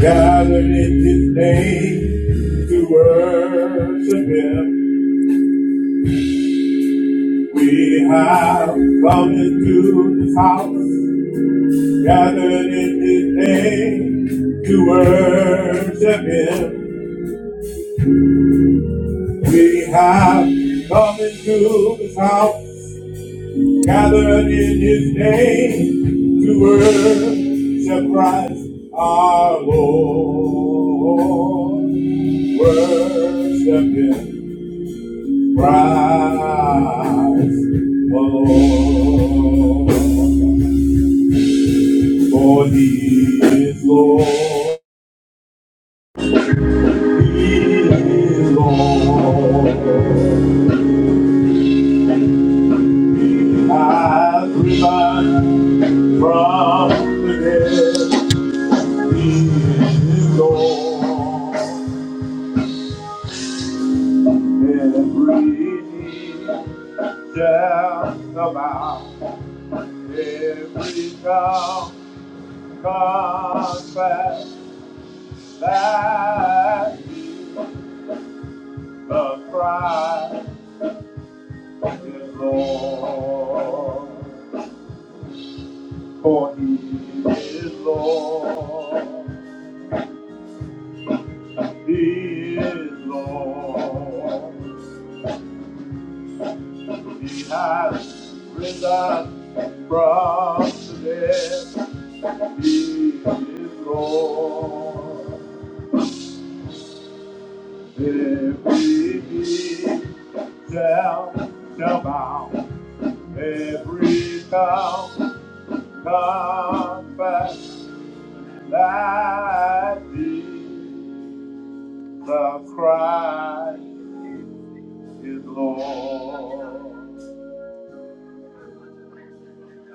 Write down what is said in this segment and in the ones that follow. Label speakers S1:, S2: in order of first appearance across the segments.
S1: Gathered in His name to worship Him. We have come into His house. Gathered in His name to worship Him. We have come into His house. Gathered in His name to worship Christ our Lord worship him. Christ, alone, for He is Lord. He is Lord. He has risen from the dead. He is Lord. Every knee shall bow. Every tongue confess. Let the cry is Lord, for he is Lord, he is Lord. He has risen from the dead, he is Lord. Every knee shall bow, every tongue confess that Jesus Christ is Lord.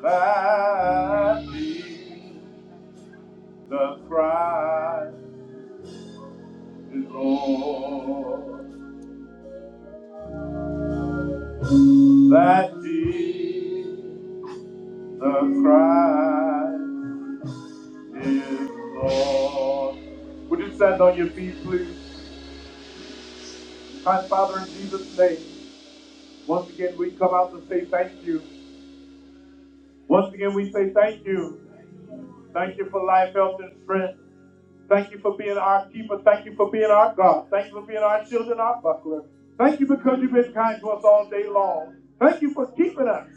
S1: That Jesus Christ is Lord. That Jesus Christ is Lord. Would you stand on your feet, please? Kind Father, in Jesus' name, once again we come out to say thank you. Once again we say thank you. Thank you for life, health, and strength. Thank you for being our keeper. Thank you for being our God. Thank you for being our shield and our buckler. Thank you because you've been kind to us all day long. Thank you for keeping us.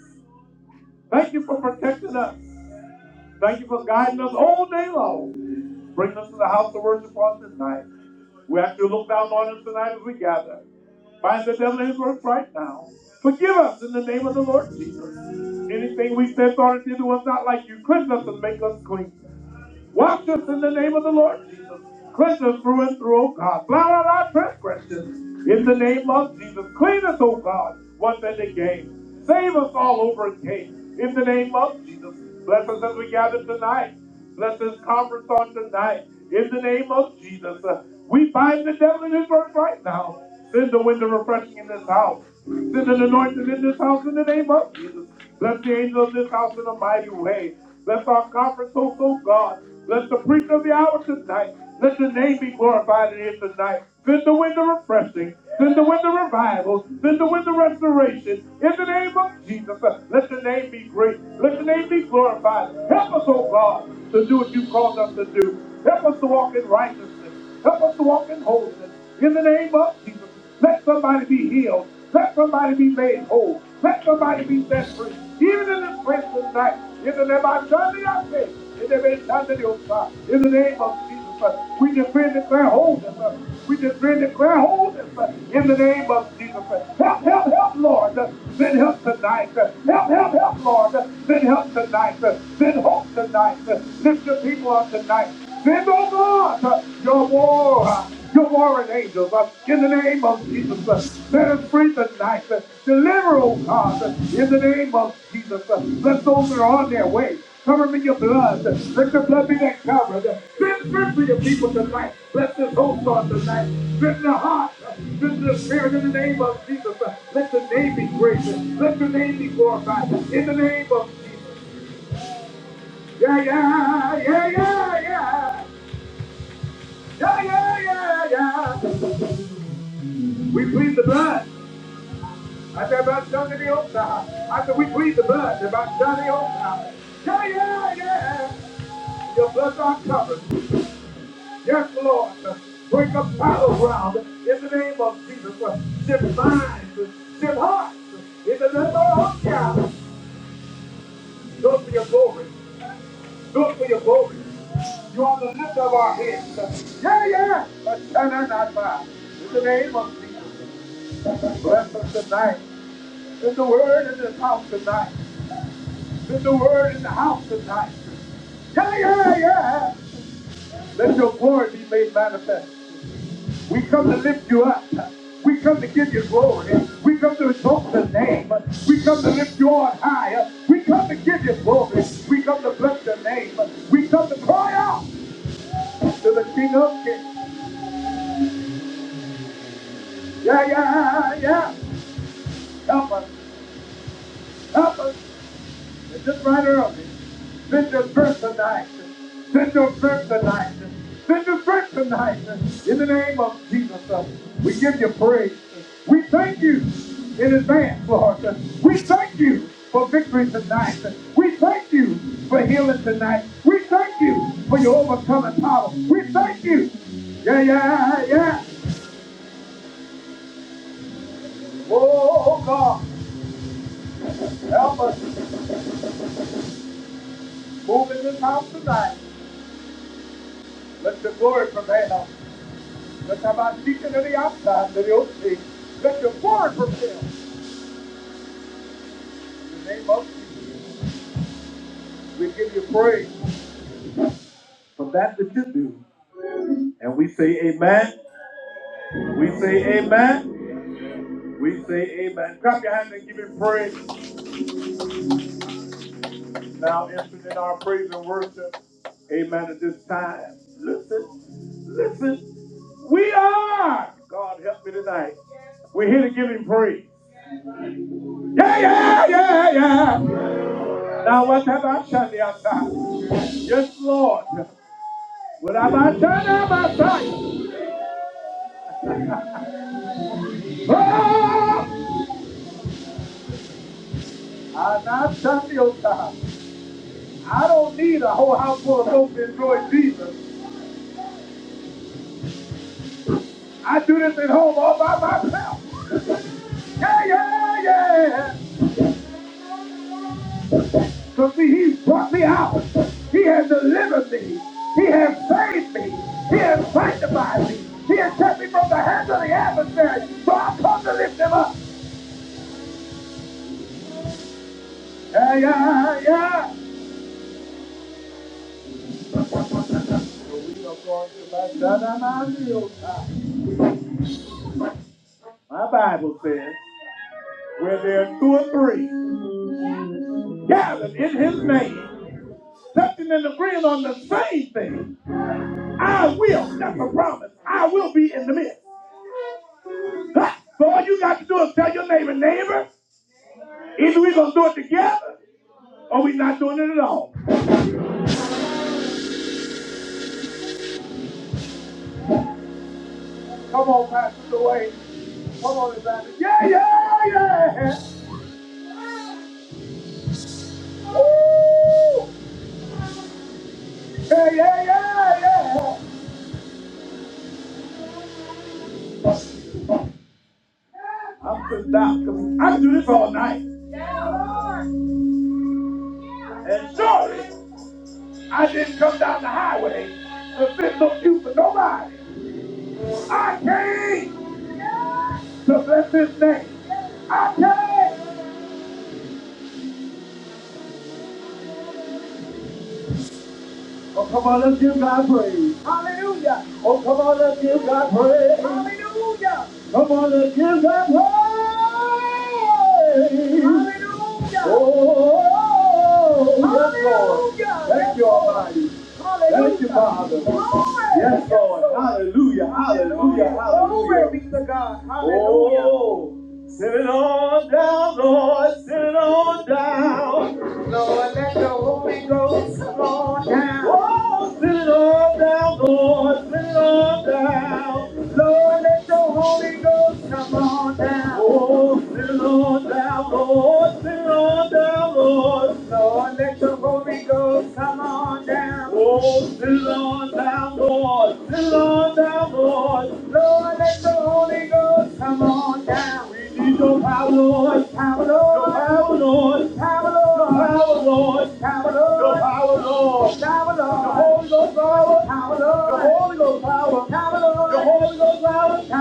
S1: Thank you for protecting us. Thank you for guiding us all day long. Bring us to the house of worship on this night. We ask you to look down on us tonight as we gather. Bind the devil in his works right now. Forgive us in the name of the Lord Jesus. Anything we said, thought, or did that was not like you, cleanse us and make us clean. Wash us in the name of the Lord Jesus. Cleanse us through and through, O God. Blot out our transgressions in the name of Jesus. Clean us, O God, once and again. Save us all over again in the name of Jesus. Bless us as we gather tonight. Bless this conference on tonight in the name of Jesus. Uh, We bind the devil in his work right now. Send the wind of refreshing in this house. Send an anointing in this house in the name of Jesus. Bless the angel of this house in a mighty way. Bless our conference, oh, oh God. Bless the preacher of the hour tonight. Let the name be glorified in here tonight. Send the wind of refreshing. Send the wind of revival. Send the wind of restoration. In the name of Jesus, let the name be great. Let the name be glorified. Help us, oh God, to do what you called us to do. Help us to walk in righteousness. Help us to walk in wholeness. In the name of Jesus, let somebody be healed. Let somebody be made whole. Let somebody be set free. Even in this place tonight, in the name of Sunday, I say, in the name of Sunday, oh God, in the name of Jesus, Christ, we decree and declare wholeness. uh, We decree and declare wholeness uh, in the name of Jesus. Christ. Help, help, help, Lord. uh, Send help tonight. uh, Help, help, help, Lord. uh, Send help tonight. uh, Send hope tonight. uh, Lift your people up tonight. Bend over your war, your warring angels. uh, In the name of Jesus, uh, let us free tonight. uh, Deliver, oh God, uh, in the name of Jesus. uh, Let those that are on their way cover them in your blood. uh, Let your blood be that covered. uh, Send strength for your people tonight. Bless this whole on tonight. Strengthen the heart. uh, Strengthen the spirit in the name of Jesus. uh, Let the name be great. uh, Let the name be glorified. In the name of Jesus. Yeah, yeah, yeah, yeah, yeah. Yeah, yeah, yeah, yeah. We plead the blood. I said about Sunday the old side. I said we plead the blood. About Sunday the old side. Yeah, yeah, yeah. Your blood's our covered. Yes, Lord. Break up battleground in the name of Jesus. Shift minds, shift hearts. In the name of our God. Do it for your glory. Do it for your glory. You are the lift of our heads. Yeah, yeah. But turn our not by. In the name of Jesus. Bless us tonight. There's a word in this house tonight. There's a word in the house tonight. Yeah, yeah, yeah. Let your glory be made manifest. We come to lift you up. We come to give you glory. We come to exalt the name. We come to lift you on higher. We come to give you glory. We come to bless your name. We come to cry out to the King of Kings. Yeah, yeah, yeah. Help us. Help us. They took right early. Bishop Birthenight. Bishop Birthenight. Bishop Birthenight. In the name of Jesus, uh, we give you praise. We thank you in advance, Lord. We thank you for victory tonight. We thank you for healing tonight. We thank you for your overcoming power. We thank you. Yeah, yeah, yeah. Oh, God, help us move in this house tonight. Let your glory prevail. Let our body leak into the outside, into the opening. Let your forward propel. In the name of Jesus, we give you praise for that that you do. And we say amen. We say amen. We say amen. Clap your hands and give him praise. Now entering in our praise and worship. Amen at this time. Listen, listen. We are. God help me tonight. We're here to give him praise. Yeah, yeah, yeah, yeah. yeah. Now what have I done the outside? Yes, Lord. What have I done on my side? Oh! I'm not done the outside. I don't need a whole house full of folks to enjoy Jesus. I do this at home all by myself. Yeah, yeah, yeah. So see, he's brought me out. He has delivered me. He has saved me. He has sanctified me. He has kept me from the hands of the adversary. So I come to lift him up. Yeah, yeah, yeah. My Bible says, where there are two or three gathered in his name, touching and agreeing on the same thing, I will, that's a promise, I will be in the midst. Huh? So all you got to do is tell your neighbor, neighbor, either we're going to do it together or we're not doing it at all. Come on, Pastor Dwayne. Come on, Evangelist. Yeah, yeah, yeah. Woo! Yeah, yeah, yeah, yeah. I'm just down coming. I can do this all night. And surely I didn't come down the highway to fit no cue for nobody. I came to bless his name. I came. Oh, come on, let's give God praise. Hallelujah. Oh, come on, let's give God praise. Hallelujah. Come on, let's give God praise. Hallelujah. Oh, yes, Lord. Hallelujah. Thank Yes, you, Lord. Almighty. Thank you, Hallelujah. Father. Glory. Yes, Yes, Lord. Lord. Hallelujah. Hallelujah. Hallelujah. Glory Hallelujah. Glory be to God. Hallelujah. Oh, send it on down, Lord. Send it on down. Lord, let the Holy Ghost fall down. Oh, sit it all down, Lord, sit it all down. Lord, let the Holy Ghost come on down. Oh, sit it all down, Lord, sit it all down, Lord. Lord, let the Holy Ghost come on down. Oh, sit it all down, Lord, sit it all down, Lord. Lord, let the Holy Ghost come on down. We need your power, Lord, Power, Lord, your power, Lord, power, Lord power, Lord. Your power, Lord. The Holy Ghost power. The Holy Ghost power. The Holy Ghost power.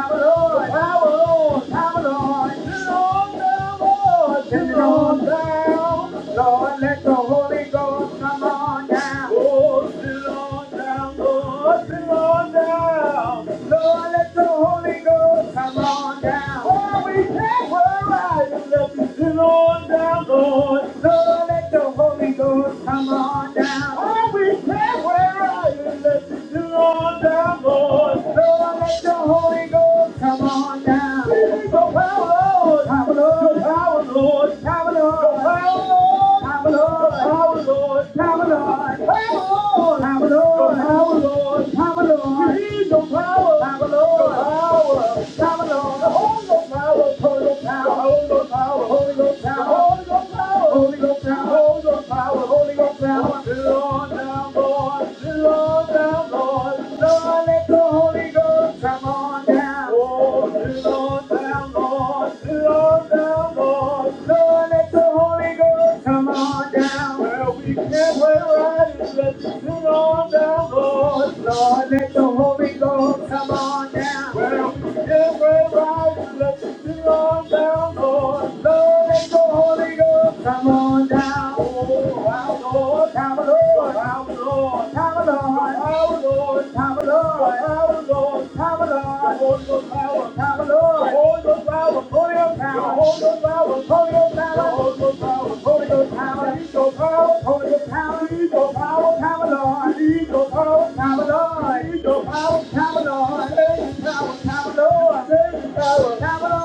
S1: The power, Lord. Send it on down, Lord. Send it on down. Lord, let the Holy Ghost come on down. Oh, sit on down, Lord, sit on down. Lord, let the Holy Ghost come on down. Oh, we can't worry. Let me sit on down, Lord. Lord, let the Holy Ghost come on down. Oh, we can't worry. Let me sit on down, Lord. Lord, let the Holy Ghost come on down. We need your power. Lord. Power, Lord. your Power, Lord. Power, Lord. Power, Lord. Power, Lord. Power, Lord. Power, Lord. Power, Lord. Power, Lord. We need your power. Power, Lord. Power. Power, Lord. Hold your power. Hold your power. Hold your power. Hold your power. Hold your power. Hold your power. Hold your power. Hold your power. Lord, now, Lord. Lord, now, Lord. Lord, let go. Holy Ghost, come on down. Lord, Lord, down, Lord, Lord, down, Lord. Lord, let the Holy Ghost come on down. Well, we can't wait right in. Let's sit on down, Lord. Lord, let the Holy Ghost come on down. Well, we can't wait right in. Let's sit on down, Lord. Lord, let the Holy Ghost come on down. Oh, our Lord, our Lord. Power, power, power, power,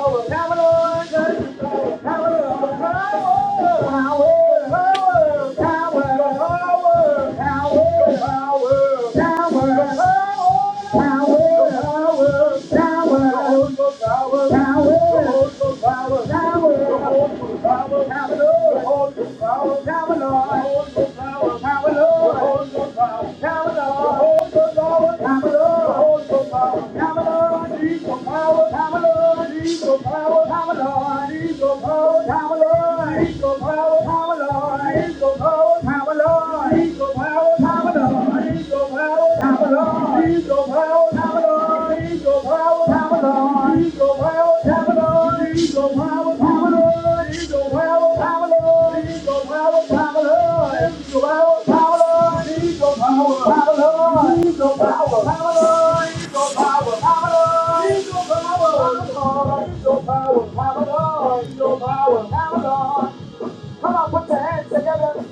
S1: power, power, power, power, I need some power, power, Lord. I need some power, power, Lord. I need some power, power, Lord. I need some power, power, Lord. I need some power, power, Lord. I need some power, power, Lord. I need some power, power, Lord. I need some power, power, Lord. Eagle power, Pamela, Eagle power, Pamela, Eagle power, Pamela, Eagle power, Pamela, Eagle power, Pamela, Eagle power, Pamela, Eagle power, Pamela, Eagle power, Pamela, Eagle power, Pamela, Eagle power, Pamela, Eagle power, Pamela. Come on, put your hands together.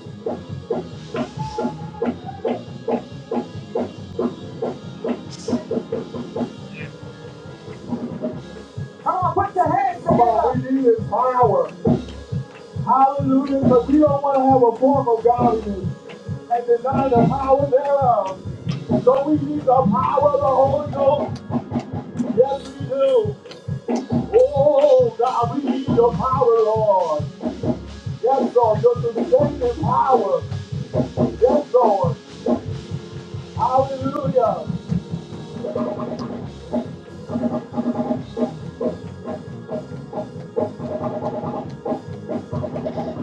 S1: Come on, put your hands together. Come we need is power. Hallelujah. Because we don't want to have a form of godliness and deny the power thereof. And so we need the power of the Holy Ghost. Yes, we do. Oh, God, we need your power, Lord. Yes, Lord. Your sustaining power. Yes, Lord. Hallelujah.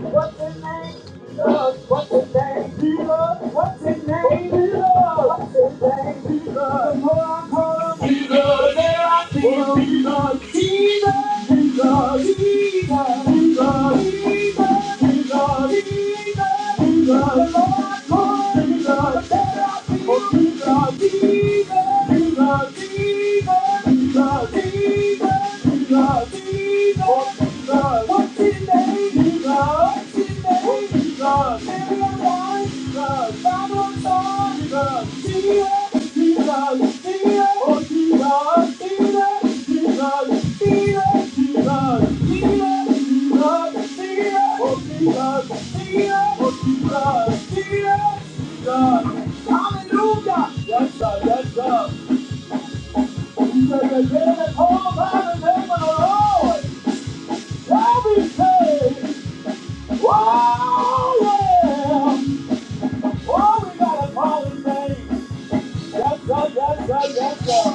S1: What's his name? Jesus. What's his name? Jesus. What's his name? Jesus. What's his name? Jesus. The more I call Jesus, the more I see him. Jesus. Jesus, Jesus, Jesus, Jesus, Jesus, Hallelujah! Yes, sir, yes, sir. He said, the day that all the name of the Lord, every day, oh, yeah. Oh, we got to call His name. Yes, sir, yes, sir, yes, sir.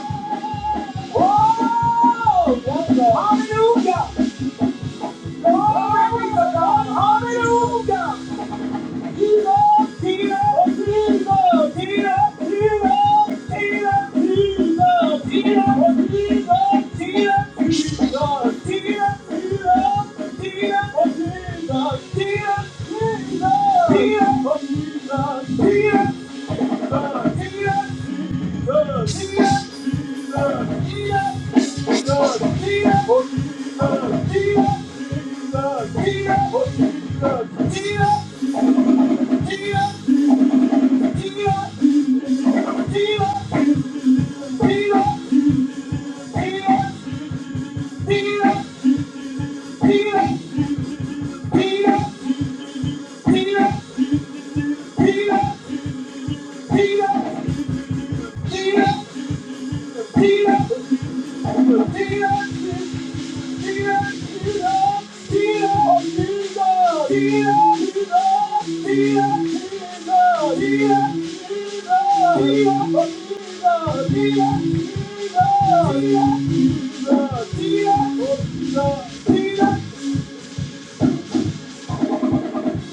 S1: Oh, yes, sir. Hallelujah! Glory to God. Hallelujah!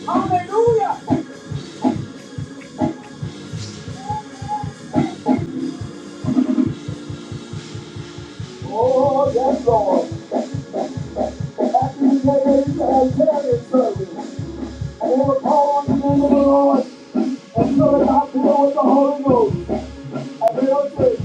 S1: Hallelujah! Oh, yes, Lord. After we get ready to have chariot service, and they will call on the name of the Lord and fill it out there with the Holy Ghost. And they will say,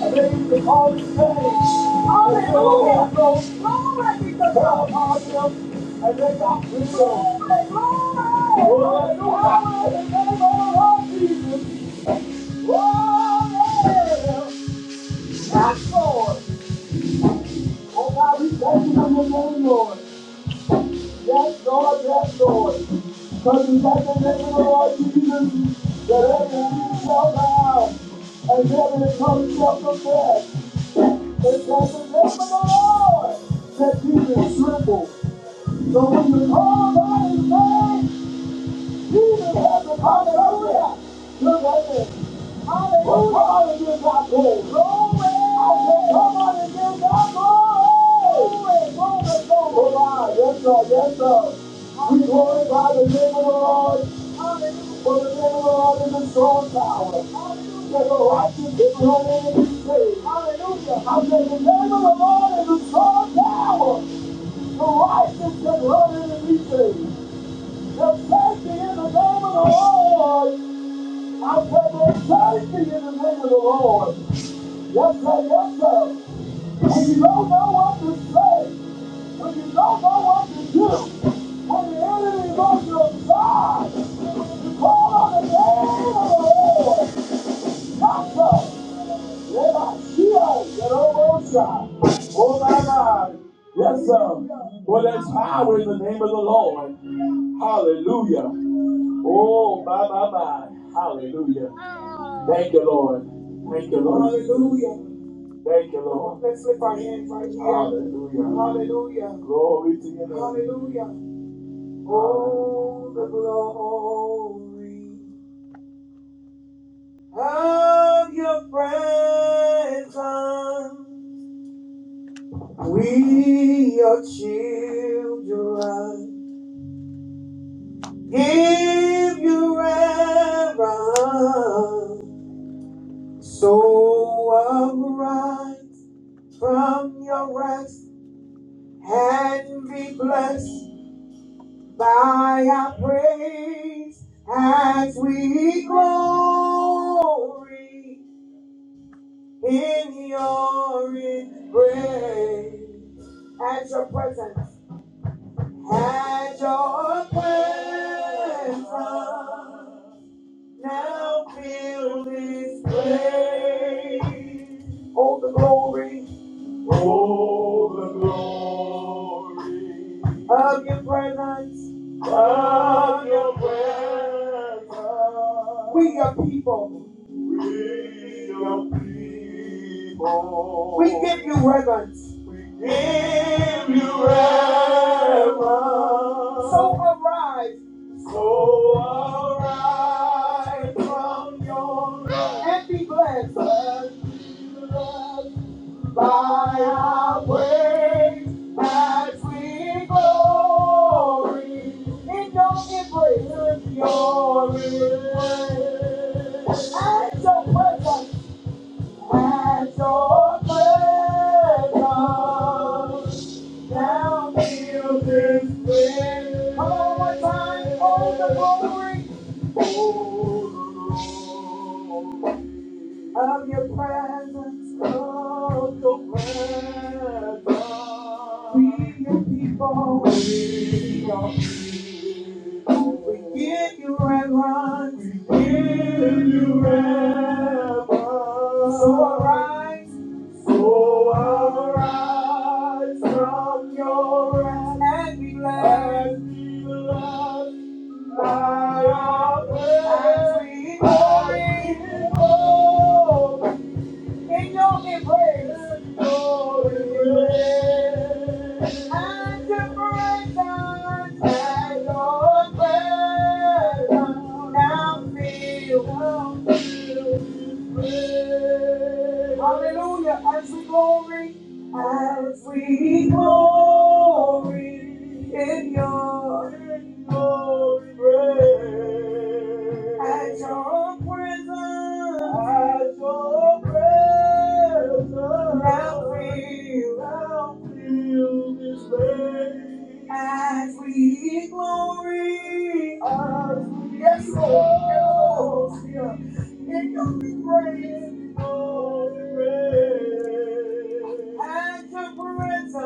S1: and they will call his name. Hallelujah. Glory be to God. Down upon them, and they got free will. Glory, glory. Hallelujah. In the name of the Lord Jesus. Glory. Yes, Lord. Oh God, we thank you in your name, Lord. Yes, Lord, yes, Lord. Because we thank the name of the Lord Jesus, that every knee shall bow and every tongue shall confess. It's at the name of the Lord that demons tremble. So when you call by his name, Jesus has it. Hallelujah. Look at this. Hallelujah. Come on and give God glory. Glory. I said, come on and give God glory. Glory. Glory. Glory. Glory. Yes, sir. Yes, sir. We glorify the name of the Lord. Hallelujah. For the name of the Lord is a strong tower. Hallelujah. The righteous is running and be saved. Hallelujah. I said, the name of the Lord is a strong tower. The righteous is running and be saved. The mercy in the name of the Lord. I pray there's mercy in the name of the Lord. Yes, sir, yes, sir. In The emotional side. Yes, sir. Let us hear the Lord's side. Oh, my God. Yes, sir. Well, there's power in the name of the Lord. Hallelujah. Oh, my, my, my. Hallelujah. Thank you, Lord. Thank you, Lord. Hallelujah. Lord. Let's lift our hands right here. Hallelujah. Hallelujah. Hallelujah. Oh, the glory of your presence. We, your children, give you reverence. So arise from your rest and be blessed by our praise as we glory. in your embrace. At your presence, at your presence, now fill this place. Oh, the glory of your presence. We your people. We give you reverence. Give you reverence. So arise. So arise from your and be blessed. By our way, as we glory in your embrace and glory. And your presence, and your presence, now feel this Come on, one more time, all the glory. Ooh of your presence, of your presence. We your people, we your people. We give you reverence, we give you reverence. So arise, so arise from your rest and be led, and be led by your praise. As we glory, in your embrace. glory And your presence and your presence now fill. Hallelujah, as we glory. As We glory in your praise. At your presence, at your presence, now feel, now feel this way. As we glory, as we glory and you'll be praying for the rain. At your presence, at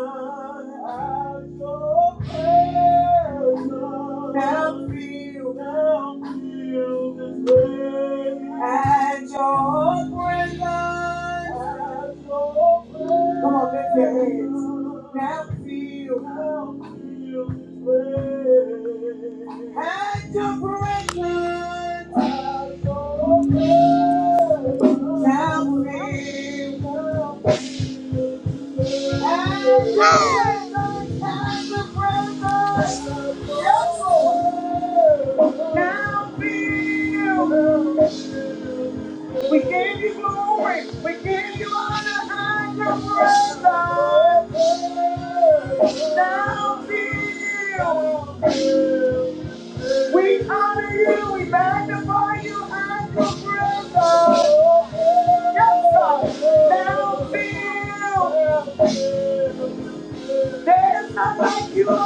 S1: your rain. And Now Feel, now feel this way. At your presence. Come on, lift your hands. Now feel. feel free. At your presence. Now feel. at your presence. At your presence. Yes, Lord. Now feel. We gave you glory. We are there not like you.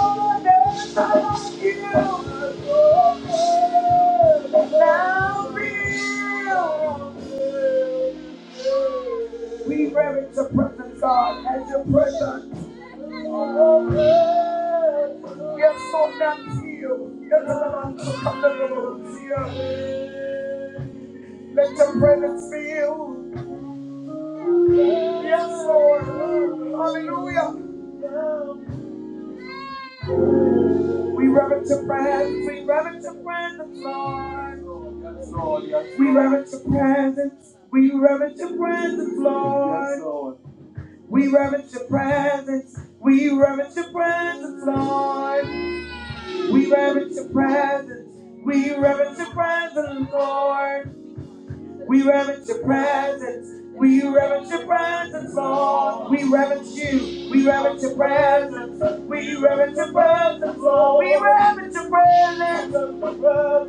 S1: We reverence your presence, God, as your presence. Yes, so none you. Yes, so Let your presence be Yes, Lord. Hallelujah. We reverence your presence. We reverence your presence, Lord. We reverence your presence. We reverence your presence, Lord. We reverence your presence. We reverence your presence, Lord. We reverence your presence. We reverence your presence, Lord. We reverence your presence. We reverence your presence, Lord. We reverence you. We reverence your presence. We reverence your presence, Lord. We reverence your presence.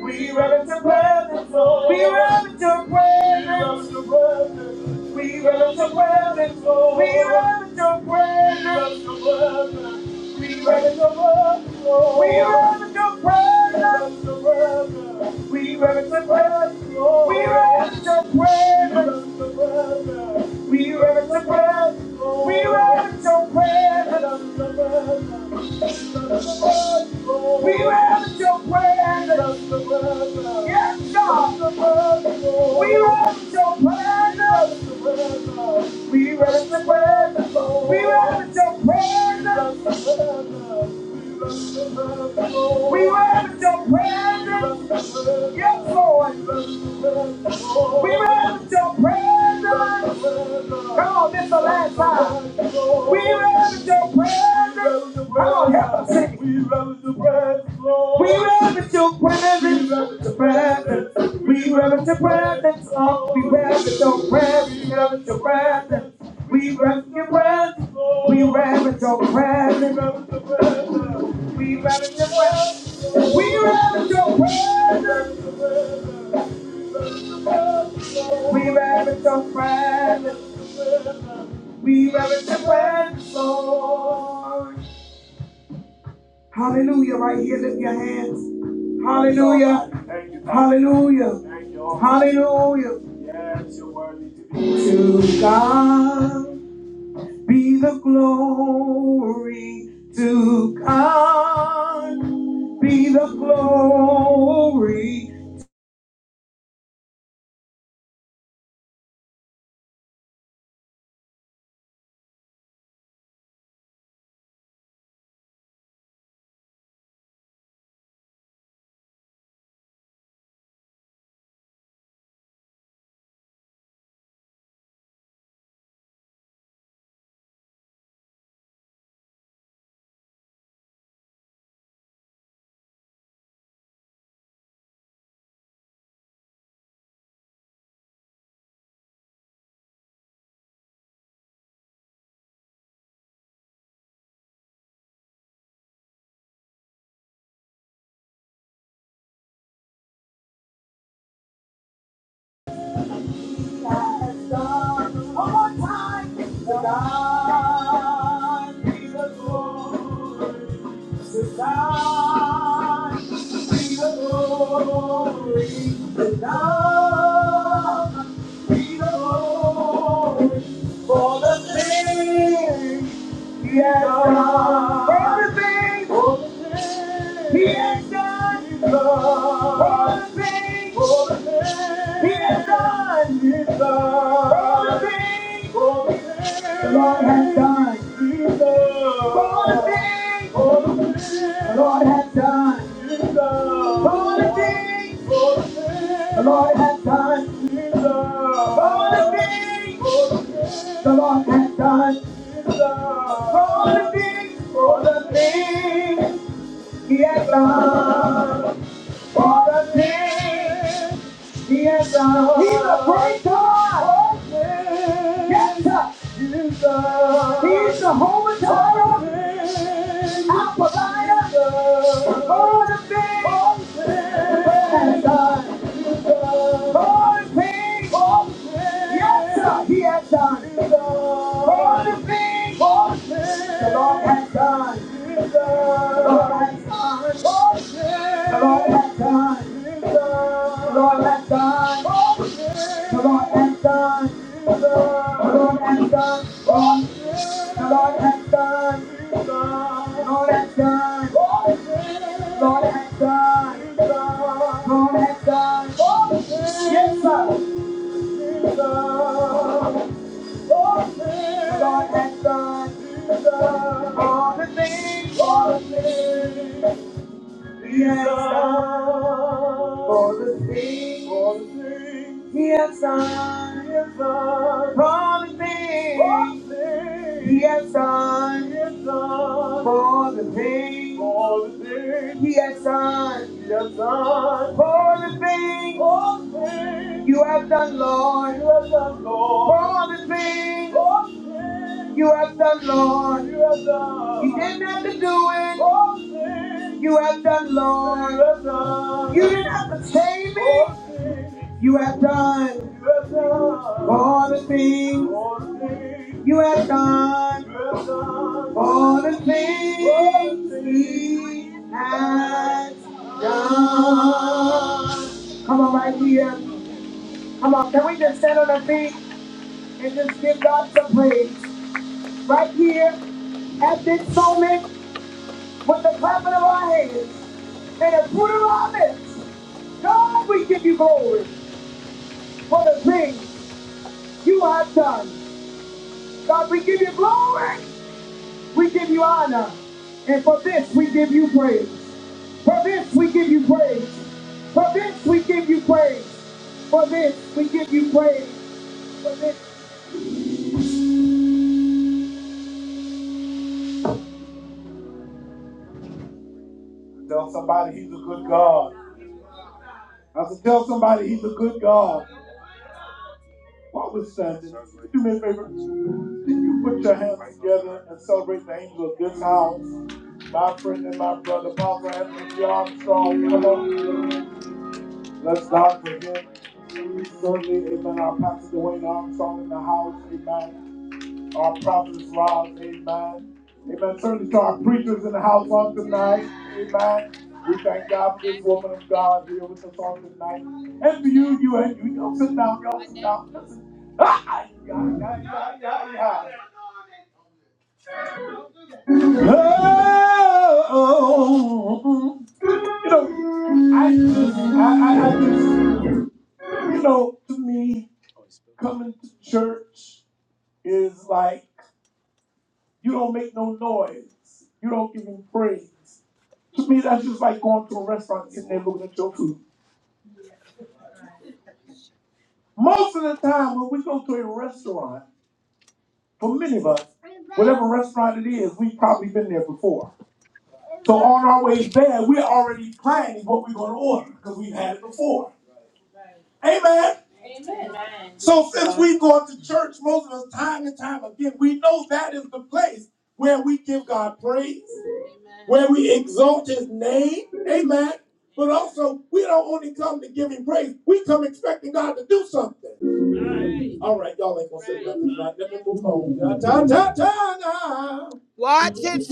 S1: We reverence your presence, Lord. We reverence your presence. We reverence your presence, Lord. We reverence your presence. We reverence your presence, Lord. We reverence your presence. We reverence your presence, Lord. We reverence your presence. We reverence your presence. Lord. We reverence your presence. We love your presence. Yes, God. We love your presence. We love your presence. We love your presence. We love your presence. Yes, Lord. We love your presence. Come on, this is the last time. We love your presence. We reverence the presence, Lord. Hallelujah. Right here, lift your hands. Hallelujah. Thank you, Hallelujah. Thank you, Hallelujah. Yes, you're worthy to be. To God be the glory. To God be the glory. For the things that are, for the things he has done, for the things he has done, for the things the Lord has done, for the things the Lord has done. For the things the Lord has done, for the things the Lord has done, for the things He has done, for the things He has done. He's a great God. Yes, sir. He's the Holy Torah, our provider. For the things the Lord has done, for the things yes, sir, He has done, for the things the Lord has done. the Lord has Come on and dance, come on and dance, come on and dance, come on and dance, come on and dance, come on and dance, Yes, sir. Yes, sir. For the for the- yes, sir. Yes, For the thing. Yes, sir. Yes, For the thing. Yes, I. Yes, I. For the things For the things you have done, Lord. You have done, Lord. For the things For things you have done, Lord. You have done. You didn't have to do it. All the things you have done, Lord. You have done. You didn't have to save me. For You have done all the things. You have done all the things he has done. Come on, can we just stand on our feet and just give God some praise? Right here at this moment with the clapping of our hands and the fruit of our lips. God, we give you glory for the things you have done. God, we give you glory. We give you honor. And for this, we give you praise. For this we give you praise. For this we give you praise. For this we give you praise. For this. Tell somebody he's a good God. Tell somebody he's a good God. Do me a favor. Put your hands together. Y'all come on. our, our prophets rise. Amen. Amen. Certainly to our preachers in the house on tonight. Amen. We thank God for this woman of God here with us on tonight. And for you, you and you. Y'all sit down. Y'all sit down. Listen. Ah, yeah, yeah, yeah, yeah, yeah. Oh, you know, I, just, I, I, I just, you know, to me, coming to church is like you don't make no noise, you don't give him praise. To me, that's just like going to a restaurant and sitting there looking at your food. Most of the time, when we go to a restaurant, for many of us, whatever restaurant it is, we've probably been there before. So on our way there, we're already planning what we're going to order because we've had it before. Amen. Amen. So since we go to church most of us time and time again, we know that is the place where we give God praise, where we exalt his name. Amen. But also, we don't only come to give him praise, we come expecting God to do something. All right, y'all ain't gonna say nothing tonight. Let me move on. Ta, ta, ta, ta, ta. Good,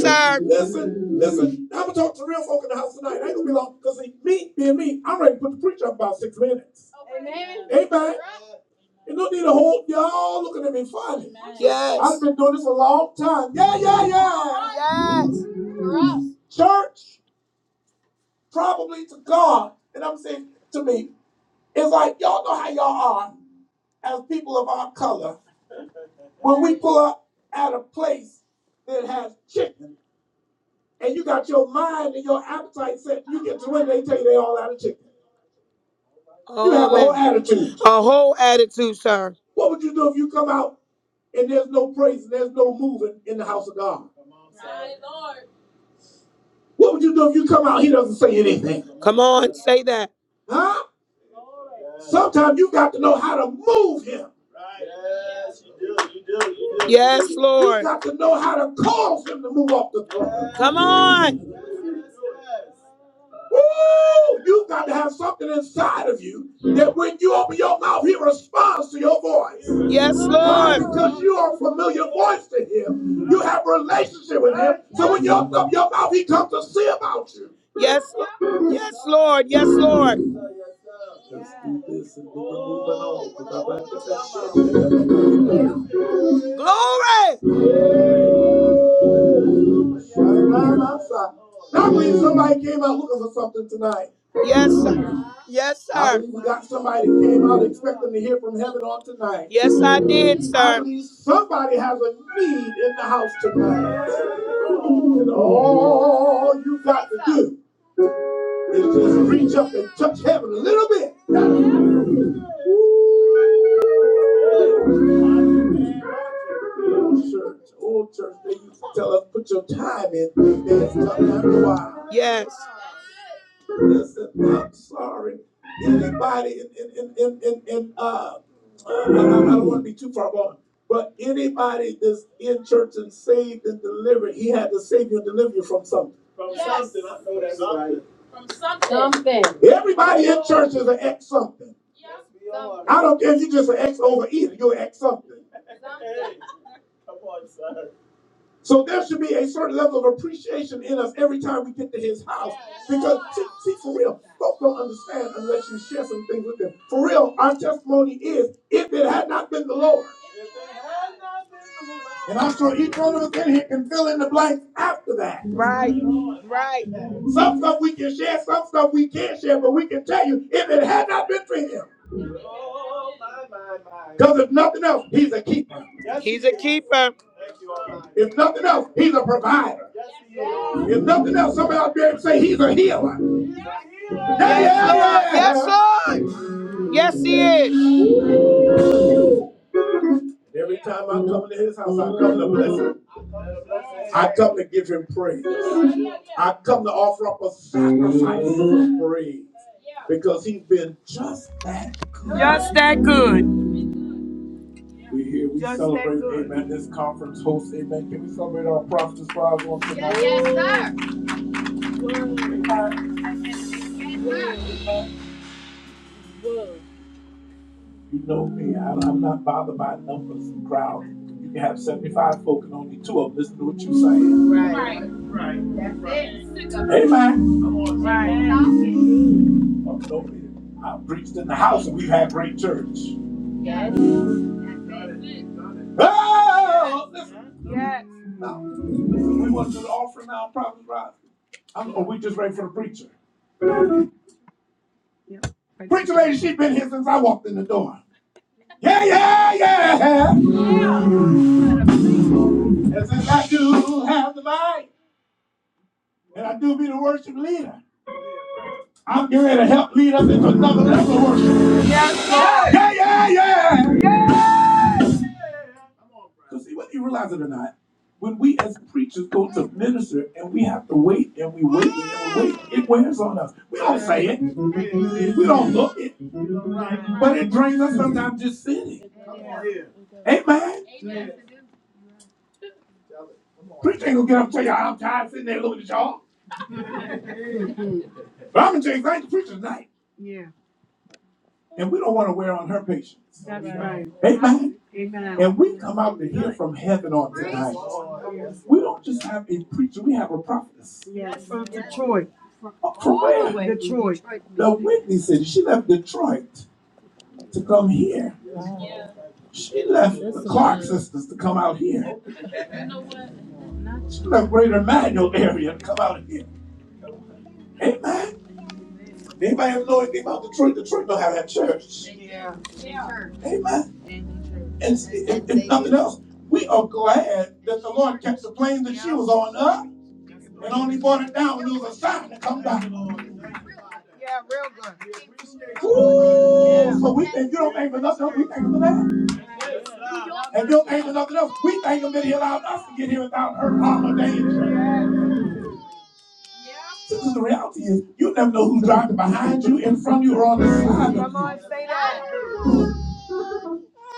S1: Listen, listen. I'm gonna talk to real folk in the house tonight. I ain't gonna be long because me, being me, I'm ready to put the preacher up about six minutes. Amen. Amen. You don't need a whole, y'all looking at me funny. Yes. I've been doing this a long time. Yeah, yeah, yeah. Yes. Church, probably to God, and I'm saying to me, it's like y'all know how y'all are as people of our color. When we pull up at a place that has chicken, and you got your mind and your appetite set, you get to when they tell you they all out of chicken. You have a Oh, whole attitude. A you, sir. What would you do if you come out and there's no praise and there's no moving in the house of God? Come on, My Lord. What would you do if you come out? He doesn't say anything. Come on, say that. Huh? Sometimes you got to know how to move him. Yes, Lord. You got to know how to cause him to move off the throne. Come on. Woo! You've got to have something inside of you that when you open your mouth, he responds to your voice. Yes, Why? Lord. Why? Because you are a familiar voice to him. You have a relationship with him. So when you open up your mouth, he comes to see about you. Yes, Lo- yes, Lord. Yes, Lord. Glory. That means somebody came out looking for something tonight. Yes, sir. Yes, sir. I believe we got somebody that came out expecting to hear from heaven on tonight. Yes, I did, sir. I believe somebody has a need in the house tonight. And all you got to do is just reach up and touch heaven a little bit. Old church, old church, they used to tell us put your time in, then it's time to Yes. Listen, I'm sorry. Anybody in in in in in, in uh, I, don't want to be too far gone, but anybody that's in church and saved and delivered, He had to save you and deliver you from something. From Yes. something. Something. Everybody in church is an ex something. Something. I don't care if you're just an ex overeater, you're an ex something. something. So there should be a certain level of appreciation in us every time we get to his house. Because see, see, for real, folks don't understand unless you share some things with them. For real, our testimony is if it had not been the Lord. And I'm sure each one of us in here can fill in the blank after that. Right. Right. Some stuff we can share, some stuff we can't share, but we can tell you if it had not been for him. Because if nothing else, he's a keeper. He's a keeper. If nothing else, he's a provider. If nothing else, somebody ought to be able to say he's a healer. Yeah, Yes, Lord. Yes, yeah, Yes, he is. yeah. Every time I come to his house, I come to bless him. I come to give him praise. I come to offer up a sacrifice of praise because he's been just that good. Just that good. We here, we Just celebrate, amen, this conference host, amen. Can we celebrate our prophetess Rise on tonight? Yes, sir. You know me, I, I'm not bothered by numbers and crowd. You can have 75 folk and only two of them listen to what you say. Right. Right. Amen. Right. I'm no I preached in the house and we've had great church. Ah, Oh, listen, Yes. now, listen, we want to do the offering now, prophetess Rise. are we just ready for the preacher? Preacher lady, she's been here since I walked in the door. Yeah, yeah, yeah. And since I do have the mic, and I do be the worship leader, I'm getting ready to help lead us into another level of worship. Yes, sir. Yeah, yeah, yeah. Because see, whether you realize it or not, when we as preachers go to minister and we have to wait and we wait and we wait, it wears on us. We don't say it. We don't look it. But it drains us sometimes just sitting. Amen. Preacher ain't gonna get up and tell y'all I'm tired sitting there looking at y'all. But I'm gonna tell you, thank the preacher tonight. Yeah, And we don't want to wear on her patience. that's right. Amen. Amen. And we come out to hear from heaven on tonight. We don't just have a preacher, we have a prophetess. Yes, from Detroit, Uh, From where? Detroit. The Whitney City. She left Detroit to come here. She left the Clark sisters to come out here. She left Greater Manual area to come out here. Amen. Anybody ever know anything about Detroit? Detroit don't have that church. Amen. And if, if nothing else, we are glad that the Lord kept the plane that she was on up and only brought it down when it was a sign to come back. Yeah, real good. Ooh, so we think you don't thank for nothing else, we thank him for that. And if you don't thank for nothing else, we thank him that he allowed us to get here without her harm or danger. This is the reality is you never know who's driving behind you, in front of you, or on the side of Come on, say that.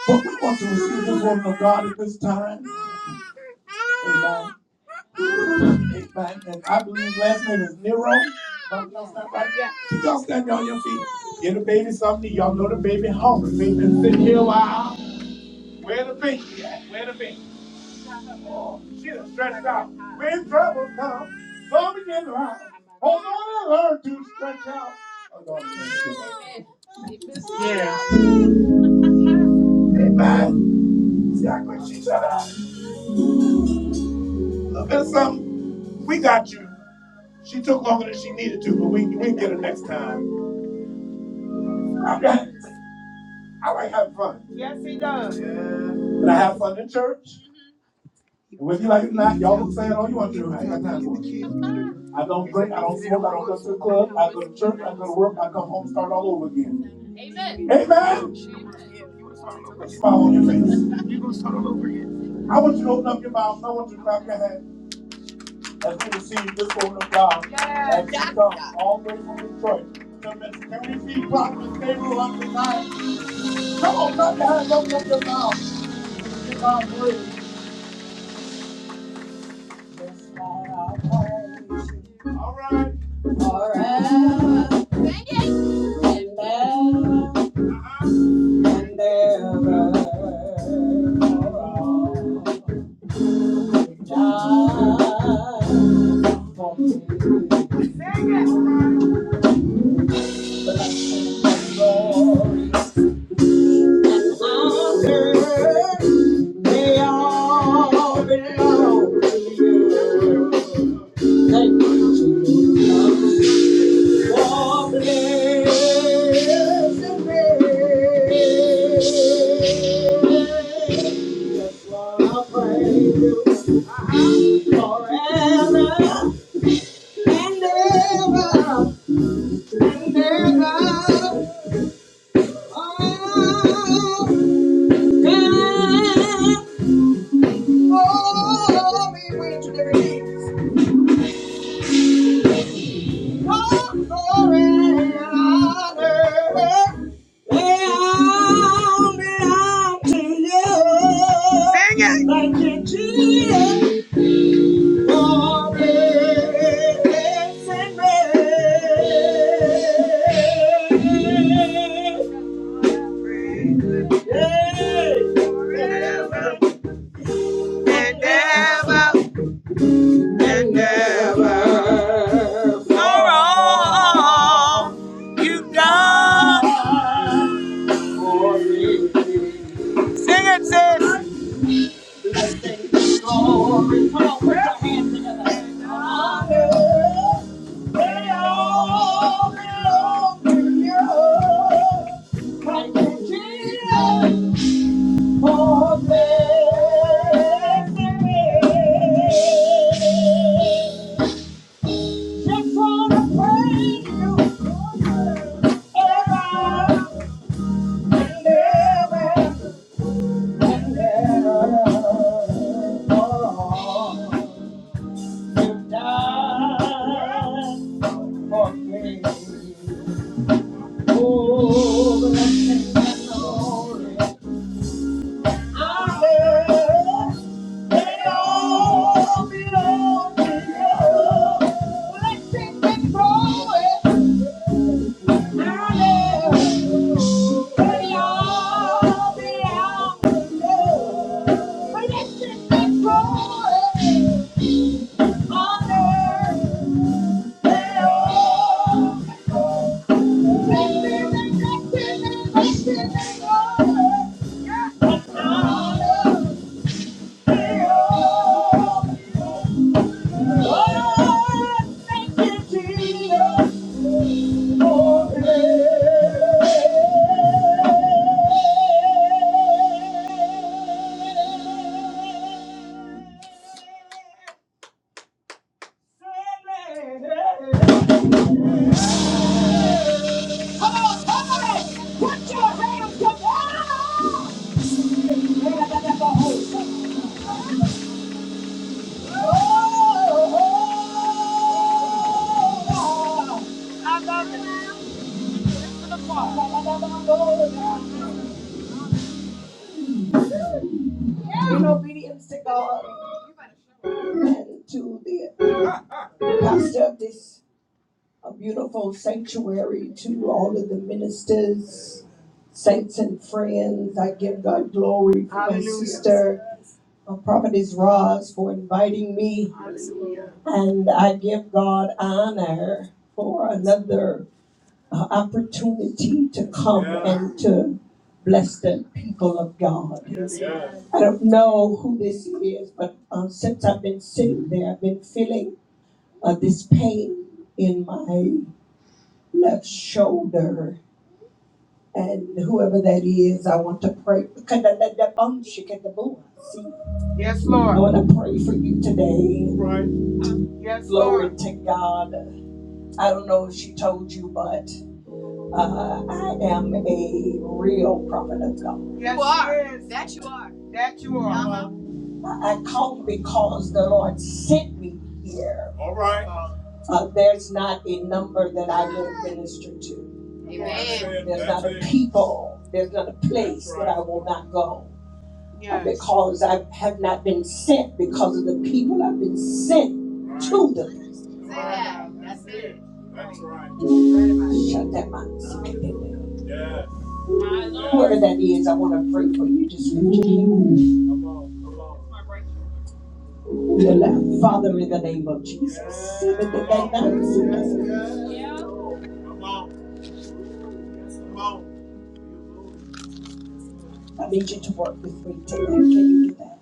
S1: But we want to receive this woman of God at this time. Amen. Amen. And I believe last name is Nero. Don't y'all stand right yet. y'all stand on your feet? Get the baby something. Y'all know the baby hungry. Baby been sitting here a while. Where the baby out? When trouble comes, so begin to rise. Hold on and learn to stretch out. Oh, no, Amen. Amen. See, I like she shut up. A little something. We got you. She took longer than she needed to, but we we can get her next time. I, I like having fun. Yes, he does. And I have fun in church. And when you like it not, y'all can say it all you want to. do, I ain't got time for it. I don't drink, I don't smoke, I don't go to the club, I go to church, I go to work, I come home, and start all over again. Amen. Amen. smile on your face. I want you to open up your mouth. I want you to clap your hands as we receive this word of God. Yes. As we come all the way from Detroit. So, Can we see Prophet Gabriel on Come on, clap your hands, open up your mouth. All right. Forever and ever. endeavor for all time for glory. Honor, they all belong to you. I'll praise you forever, ever, forever. Sing it. Yeah. no Sing it, sis. obedience to God to the pastor this uh, beautiful sanctuary, to all of the ministers. saints and friends. I give God glory for my Hallelujah. sister, uh, Prophetess Roz, for inviting me. And I give God honor for another uh, opportunity to come Yeah. and to bless the people of God. Yes, Lord. I don't know who this is, but um, since I've been sitting there, I've been feeling uh, this pain in my left shoulder And whoever that is, I want to pray. I Yes, I Lord. want to pray for you today. Yes, Lord. Glory Lord. to God. I don't know if she told you, but uh, I am a real prophet of God. Yes, you are. she That you are. That you are. Uh-huh. I I come because the Lord sent me here. Uh, there's not a number that I will not minister to. Amen. There's not a people, there's not a place that I will not go. Uh, Because I have not been sent because of the people I've been sent to them. Say that. That's it. That's right. Shut that mouth. Whoever that is, I want to pray for you. Just reach to your left. Father, in the name of Jesus. I need you to work with me tonight. Can you do that?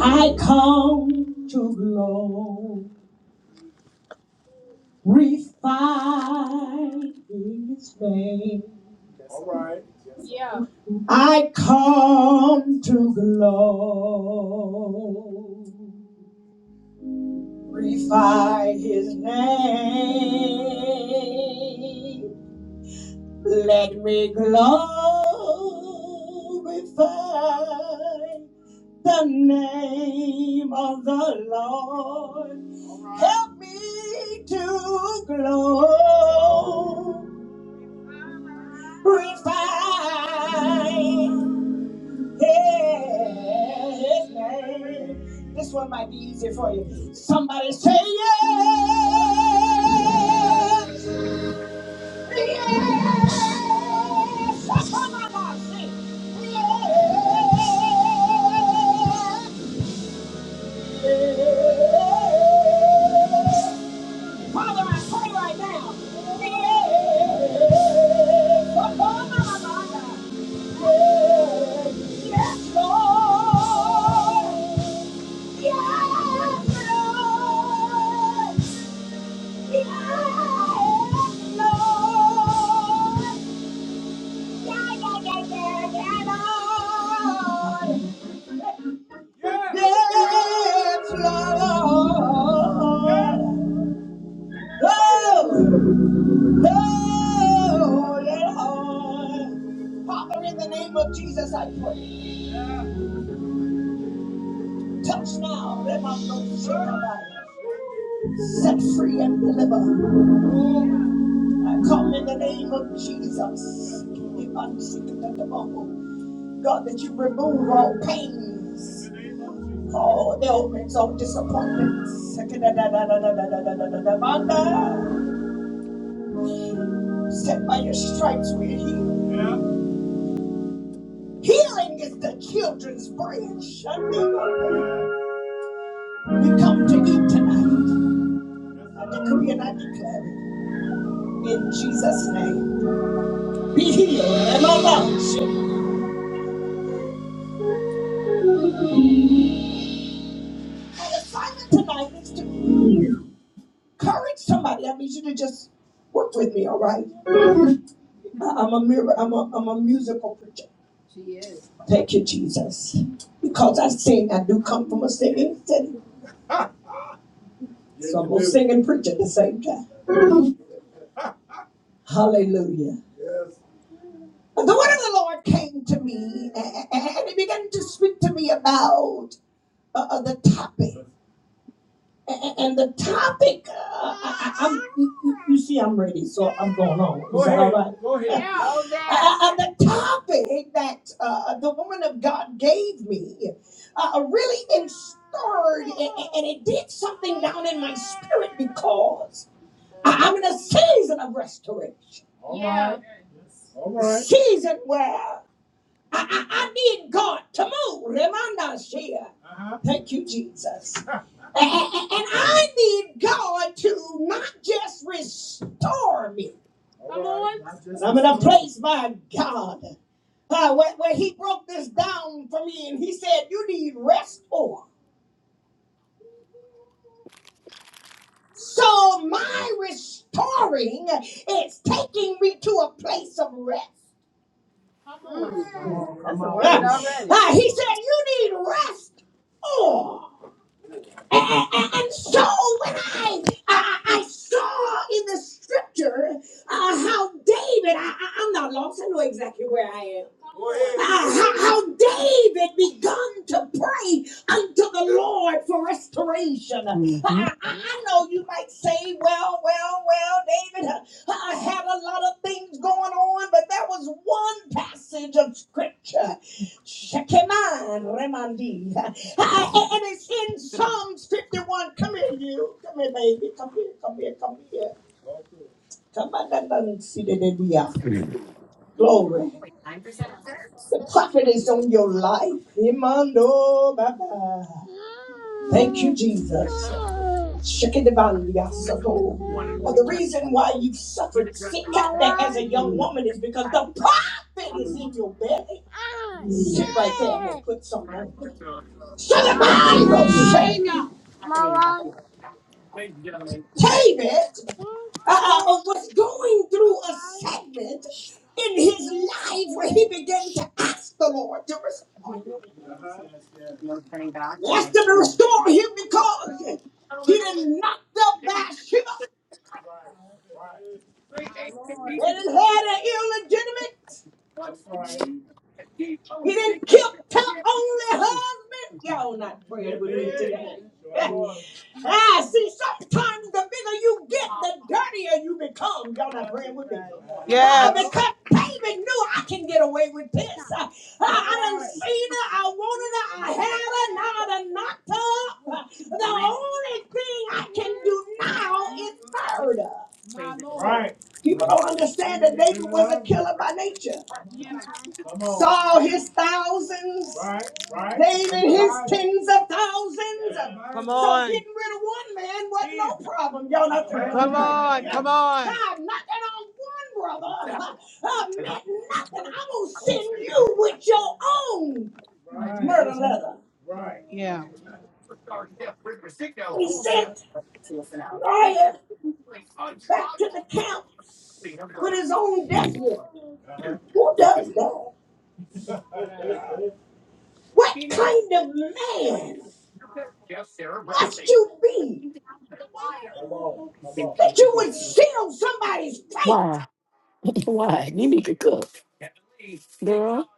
S1: I come to glorify His name. Yeah. I come to glorify His name. Let me glorify the name of the Lord. Help me to glorify His name. This one might be easy for you. Somebody say yes. That's all I want. Sing. Yes. Father, I pray right now. Yes, Lord. Yes, Lord. yes yes Lord, Yeah, yeah, yeah, yeah, yeah, Lord, Yes, Lord, Oh. Lord at home. Father, in the name of Jesus, I pray. Touch now, let my brother shake the body. Set free and deliver. I come in the name of Jesus. If I'm sick of the devil, God, that you remove all pains, all ailments, all disappointments. Set by your stripes, we're healed. Healing is the children's bread. Shanda. We come to eat tonight. I decree and I declare it in Jesus' name. Be healed. And I right? An assignment tonight is to encourage somebody. I need you to just work with me, all right? I- I'm a mirror. I'm a, I'm a musical preacher. Thank you, Jesus. Because I sing, I do come from a singing city. Ah, yes, so I'm a singing preacher at the same time. Hallelujah. Yes. the word of the Lord came to me a- and he began to speak to me about uh, uh, the topic. And the topic, uh, I, I- am you, you see, I'm ready, so I'm going on. Is Go that ahead. all right? Go ahead. Yeah, all right. Uh, uh, the topic that uh, the woman of God gave me uh, uh, really inspired, a- and it did something down in my spirit because I- I'm in a season of restoration. All right. Yeah. All right. Season where I, I, I need God to move. Remanda Shia. Thank you, Jesus. A- a- And, I need God to not just restore me. Come on. And I'm in a place, my God, uh, where, where He broke this down for me and He said, You need rest for. So my restoring is taking me to a place of rest. Come on. Come on. Come on. Uh, he said, You need rest. And, and, and so when I, I, I saw in the scripture uh, how David, I, I, I'm not lost, I know exactly where I am. Uh, how, how David begun to pray unto the Lord for restoration. I,
S2: hmm
S1: I, I know you might say, well, well, well, David uh, uh, had a lot of things going on, but there was one passage of scripture. Shekemiah Remandi. Uh, And it's in Psalms 51. Come here, you. Come here, baby. Come here, come here, come here. Come on, that doesn't see the idea. Glory. The prophet is on your life. Imando, baba. Thank you, Jesus. Shikidibanda, soto. Well, the reason why you suffered sikate as a young woman is because the prophet is in your belly. Sit right there and put some on. So the Bible says, David uh, uh, was going through a segment in his life where he began to ask the Lord to restore him. asked him to restore him because he didn't knock up Bathsheba. He didn't have an illegitimate. He didn't kill her only husband. Y'all not praying with me today. Ah, see, sometimes the bigger you get, the dirtier you become. Y'all not praying with me. Yeah. because David knew I can get away with this. Ah, I I done seen her, I wanted her, I had her, now I done knocked her up. The only thing I can do now is murder. Right.
S2: Girl,
S1: People don't understand that David was a killer by nature. Come on. Saul his thousands, Right. Right. David his tens of thousands. Come on. So getting rid of one man wasn't no problem. Y'all not there. Come on. Come on. God knocking on one brother uh, meant nothing. I'm gonna send you with your own Right. murder letter. Right. Yeah. He sent Uriah back to the camp with his own death warrant. Who does that? What kind of man must you be that you would seal somebody's fate?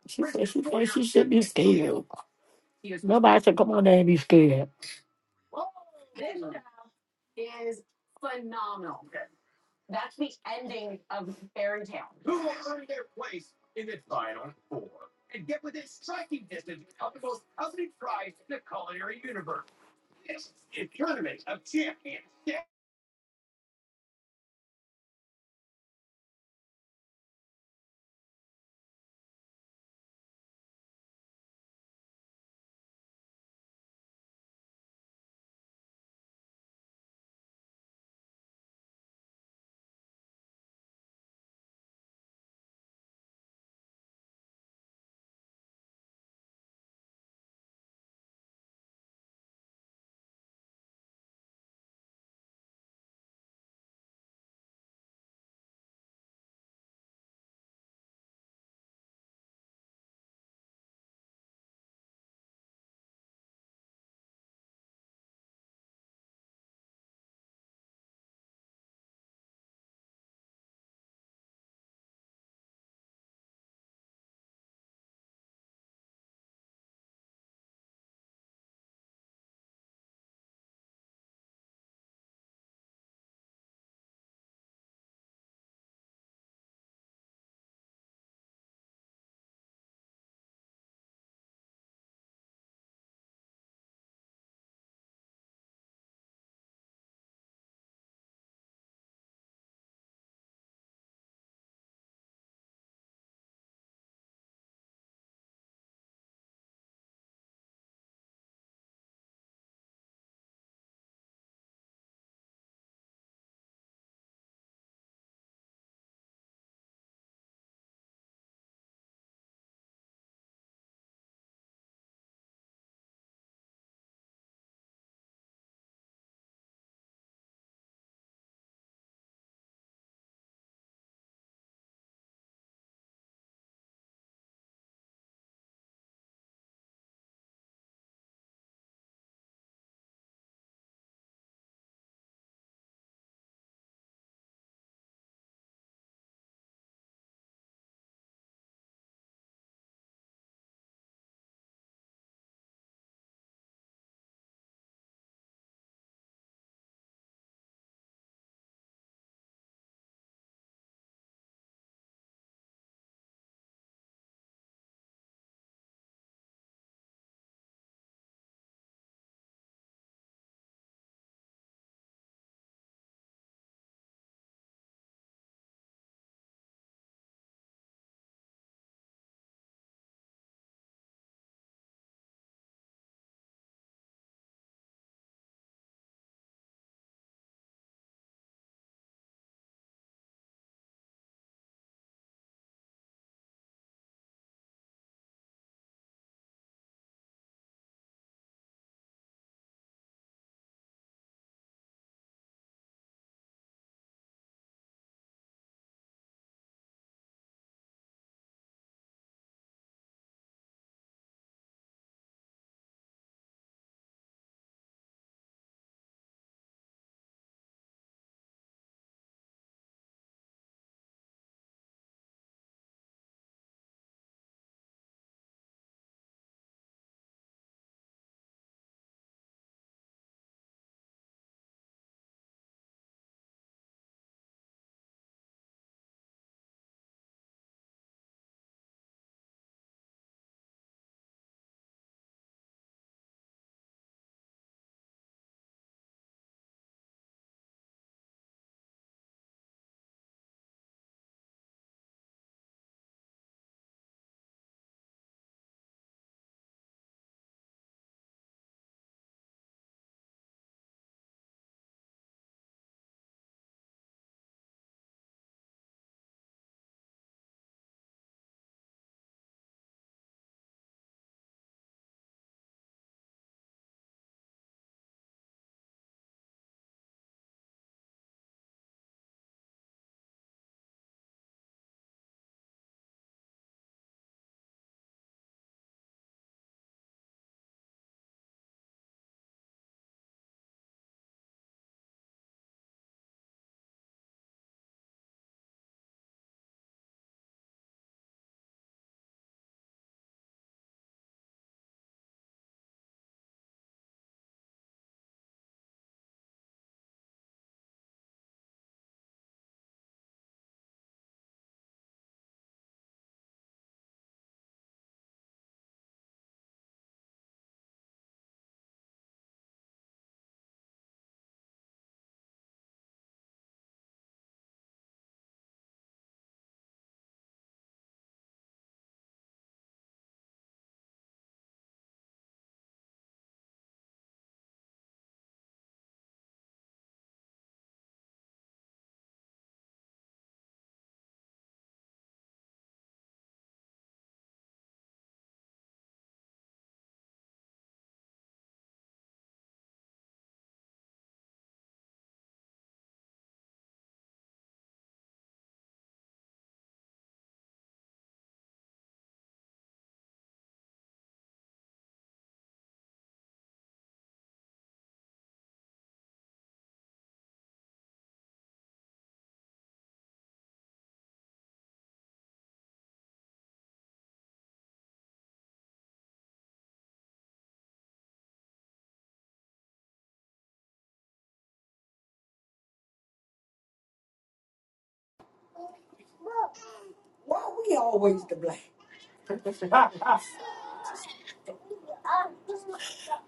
S2: she said she thinks she should be scared. Nobody. is phenomenal. Okay, That's the ending of Fairy Tale. Who will earn their place in the final four and get within striking distance of the most coveted prize in the culinary universe? This is Tournament of Champions. Yeah.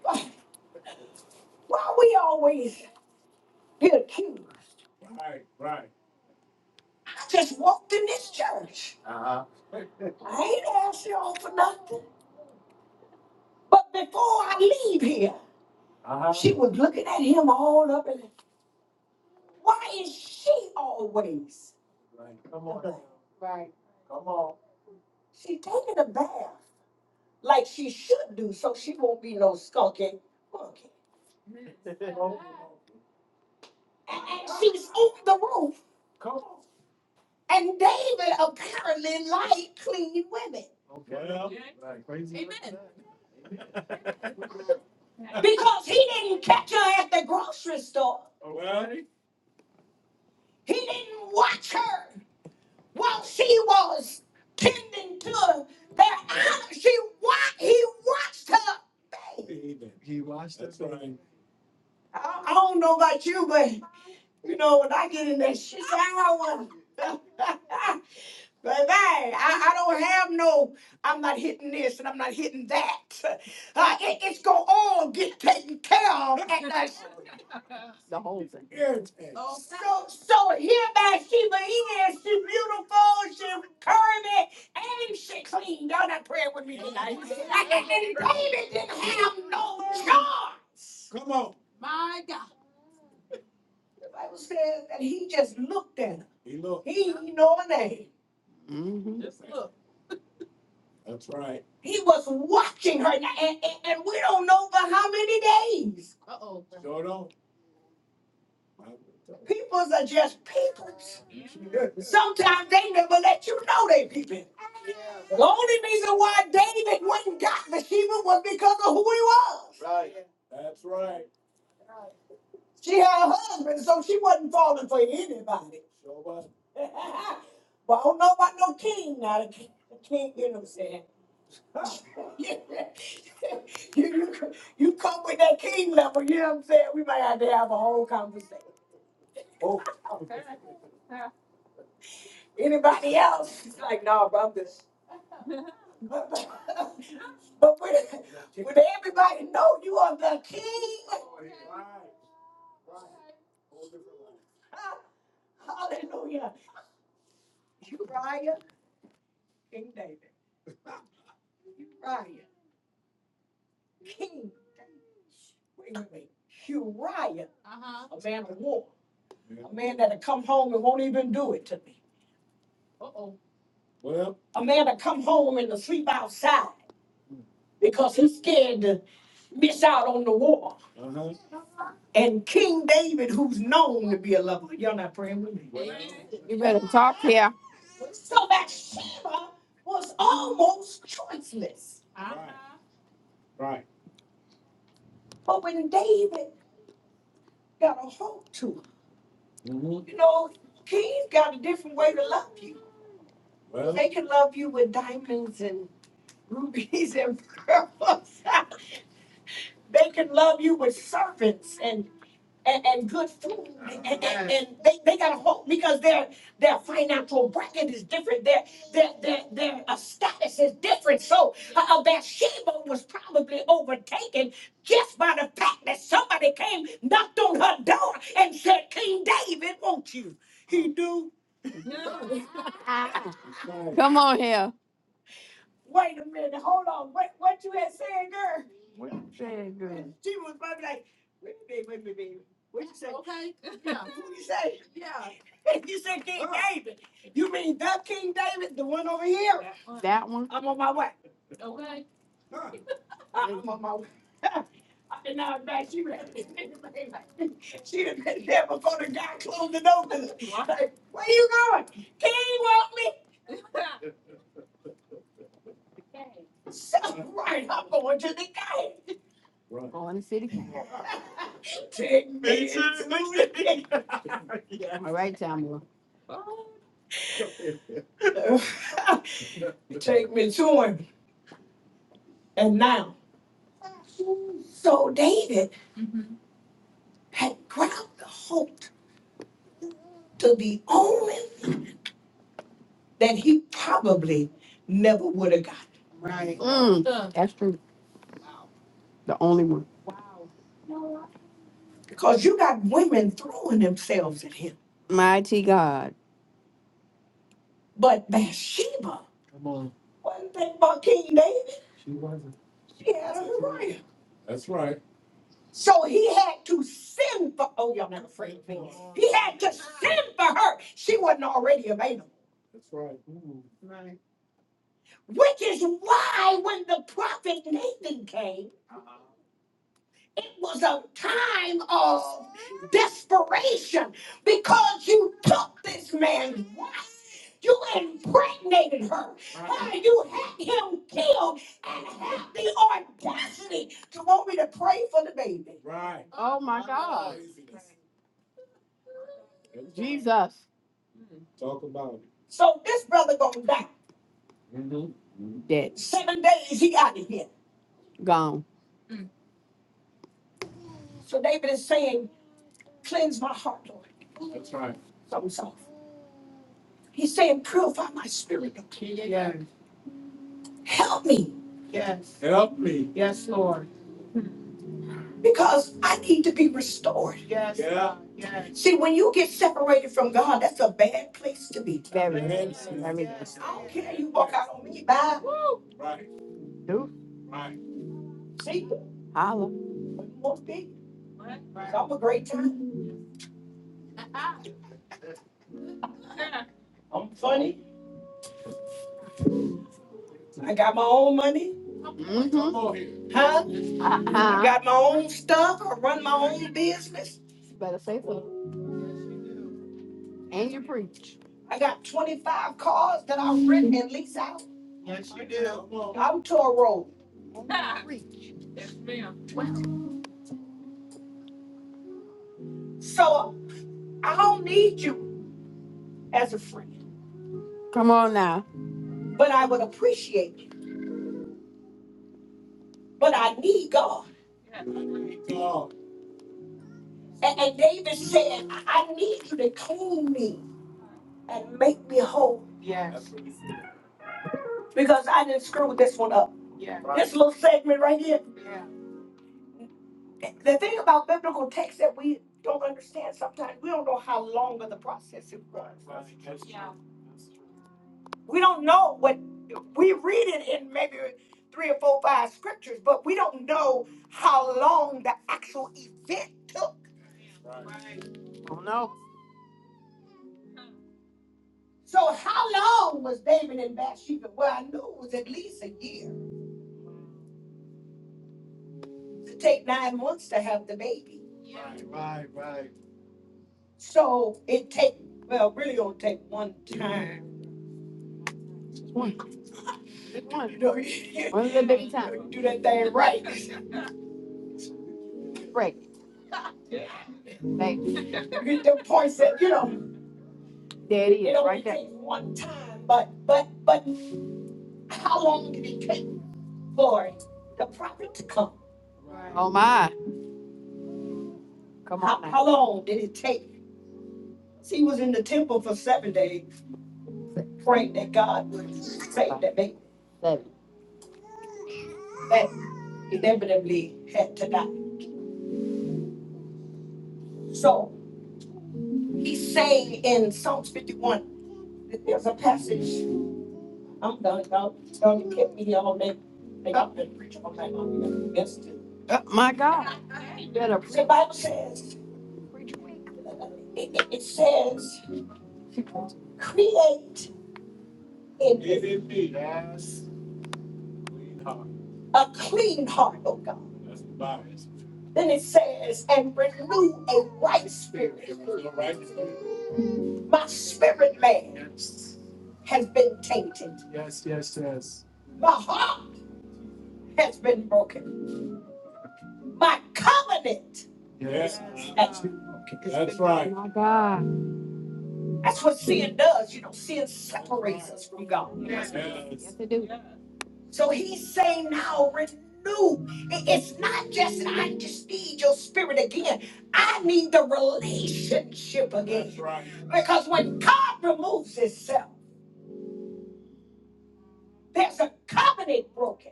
S3: Why we always get accused? I just walked in this church. I ain't asked y'all for nothing. But before I leave here, she was looking at him all up and why is she always? She taking a bath like she should do, so she won't be no skunky monkey. And and she's on the roof. And David apparently liked clean women because he didn't catch her at the grocery store. He didn't watch her. While she was tending to their that, she watched, he watched her babe. I, I don't know about you, but you know, when I get in that shower, Baby, I, I don't have no, I'm not hitting this and I'm not hitting that. Uh, it, it's going to all get taken care of at that. So, so hereby Sheba is. She beautiful. She curvy, and she clean. Y'all not praying with me tonight. Like, And David didn't have no charge. The Bible says that he just looked at her. He didn't know her name. He was watching her, and, and, and we don't know for how many days. Peoples are just peoples. Sometimes they never let you know they peeping. The only reason why David went and got Bathsheba was because of who he was. Right. She had a husband, so she wasn't falling for anybody. but I don't know about no king now. The king, the king, you know what I'm saying? you, you, you come with that king level, you know what I'm saying? We might have to have a whole conversation. Anybody else? but but, but when, when everybody know you are the king, Hallelujah. Uriah, King David. Uriah, King David. Wait, wait, wait. Uriah, a man of war. A man that'll come home and won't even do it to me. A man that come home and to sleep outside because he's scared to miss out on the war. And King David, who's known to be a lover. Y'all not praying with me. talk here. So Bathsheba was almost choiceless. But when David got a hold to her, You know, kings got a different way to love you. can love you with diamonds and rubies and pearls. they can love you with servants and and, and good food and, and, and- and they, they got a hope because their their financial bracket is different. Their their their their uh, status is different. So uh, uh, Bathsheba was probably overtaken just by the fact that somebody came, knocked on her door, and said, "King David, won't you?" He do. Come on here. Wait a minute, hold on. What what you had said, girl? Girl. She was probably like, wait a minute, wait a minute, baby. What you say? What you say? you said King David. You mean the King David, the one over here? That one. I'm on my way. I- I'm Mhm. on my way. And now I'm back. She was like, she had been there before the guy closed the door. 'Cause, Like, Where you going? King want me? So, right, I'm going to the gate. Going to the City Council. yeah. All right, Tamara. Maturing and now. So David had grabbed the hope to the only thing that he probably never would have got. Mm, that's true. The only one. Because you got women throwing themselves at him. Mighty God. But Bathsheba wasn't thinking about King David. She had a Uriah. So he had to send for, oh, y'all not afraid of me. He had to send for her. She wasn't already available. Which is why when the prophet Nathan came, it was a time of desperation because you took this man's wife. You impregnated her. And you had him killed and had the audacity to want me to pray for the baby. Oh my God. Jesus. So this brother gonna die. Dead. Seven days he out of here. Gone. So David is saying, cleanse my heart, Lord. So soft. He's saying, purify my spirit. Lord. Help me. Yes. Yes, Lord. Because I need to be restored. Yes. Yes. See, when you get separated from God, that's a bad place to be. Very Yes. nice. I don't care you walk out on me. Bye. Do. See, Holla. You won't be. 'Cause I'm a great time. I'm funny. I got my own money. hmm Huh? I Uh-huh. got my own stuff. I run my own business. You better say so. And you preach. I got 25 cars that I rent and lease out. Yes, you do. I'm Toro. And preach. So I don't need you as a friend, Come on now. but I would appreciate you. But I need God. And, and David said, I I need you to clean me and make me whole. because I didn't screw this one up. Yeah. This little segment right here. Yeah. The thing about biblical texts that we don't understand sometimes, we don't know how long of the process it was. We don't know what, we read it in maybe three or four, five scriptures, but we don't know how long the actual event took. So how long was David and Bathsheba? Well, I knew it was at least a year. To take nine months to have the baby. So it take well, really only take one time. One, You know, you, one time. do that thing right. Right. Like, You get the points that, you know, there it is, it is, right there. takes one time, but, but, but how long did it take for the prophet to come? Oh, my. Come on How, on now. how long did it take? See, He was in the temple for seven days praying that God would save that baby. Seven. that inevitably had to die. So he's saying in Psalms 51 that there's a passage I'm done. Y'all, y'all done kept me here all day. They got me to preach all night long. You know, Uh, my God, better The preach. Bible says, it, it- it says, create in a clean heart, oh God. Then it says, and renew a right. spirit." My spirit man has been tainted. My heart has been broken. My covenant has been My God. That's what sin does. You know, sin us from God. Yes. to So he's saying now, renew. I- It's not just I just need your spirit again. I need the relationship again. because when God removes Himself, there's a covenant broken.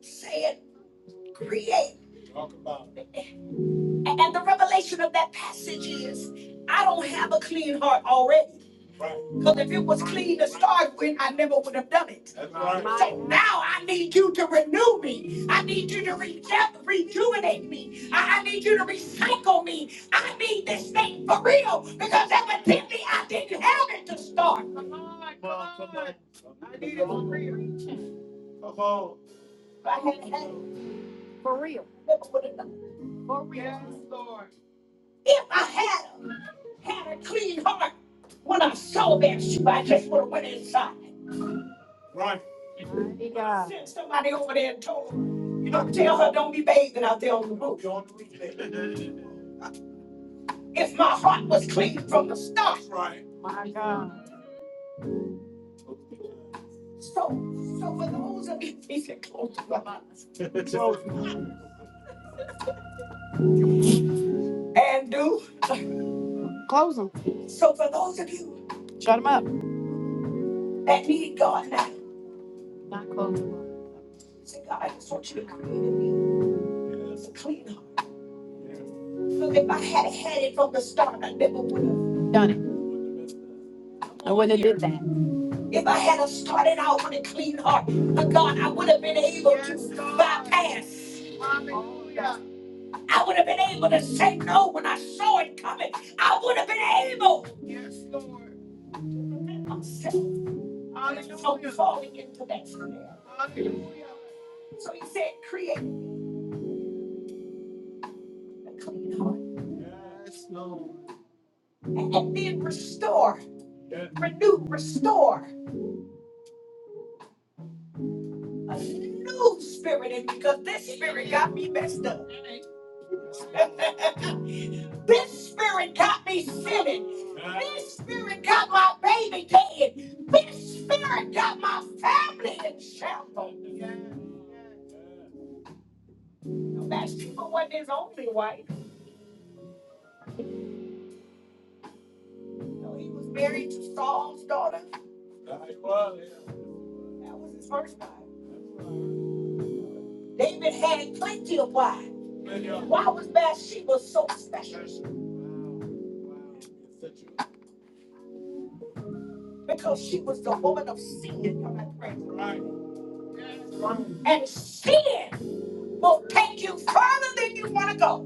S3: Saying, create, A- and the revelation of that passage is, I don't have a clean heart already. Because if it was. to start with, I never would have done it. now I need you to renew me. I need you to reju- rejuvenate me. I-, I need you to recycle me. I need this thing for real because evidently I didn't have it to start. I need it for real. I had had it for real, never would have done it. For real. Yes, Lord. If I had a, had a clean heart when I saw that shoe, I just would have went inside. Yeah. Sent somebody over there and told her, you know, tell her don't be bathing out there on the roof. If my heart was clean from the start. My God. So, so for those of you, he said, close them. And do. Close them. So for those of you. Shut them up. That need God now. Say, God, I just want you to create in me. Clean up. Because if I had had it from the start, I never would have. Done it. I wouldn't did that. If I had have started out with a clean heart, uh, God, I would have been able to Yes, bypass. I would have been able to say no when I saw it coming. I would have been able yes, Lord. to prevent myself falling into that snare. So he said, create a clean heart. And and then restore, renew, restore a new spirit in me because this got me messed up. This spirit got me sinning. This spirit got my baby dead. This spirit got my family in shambles. Bathsheba wasn't his only wife. You know, he was married to Saul's daughter. That was his first time. David had plenty of wives. Why was Bathsheba so special? Because she was the woman of sin. And sin will take you further than you want to go.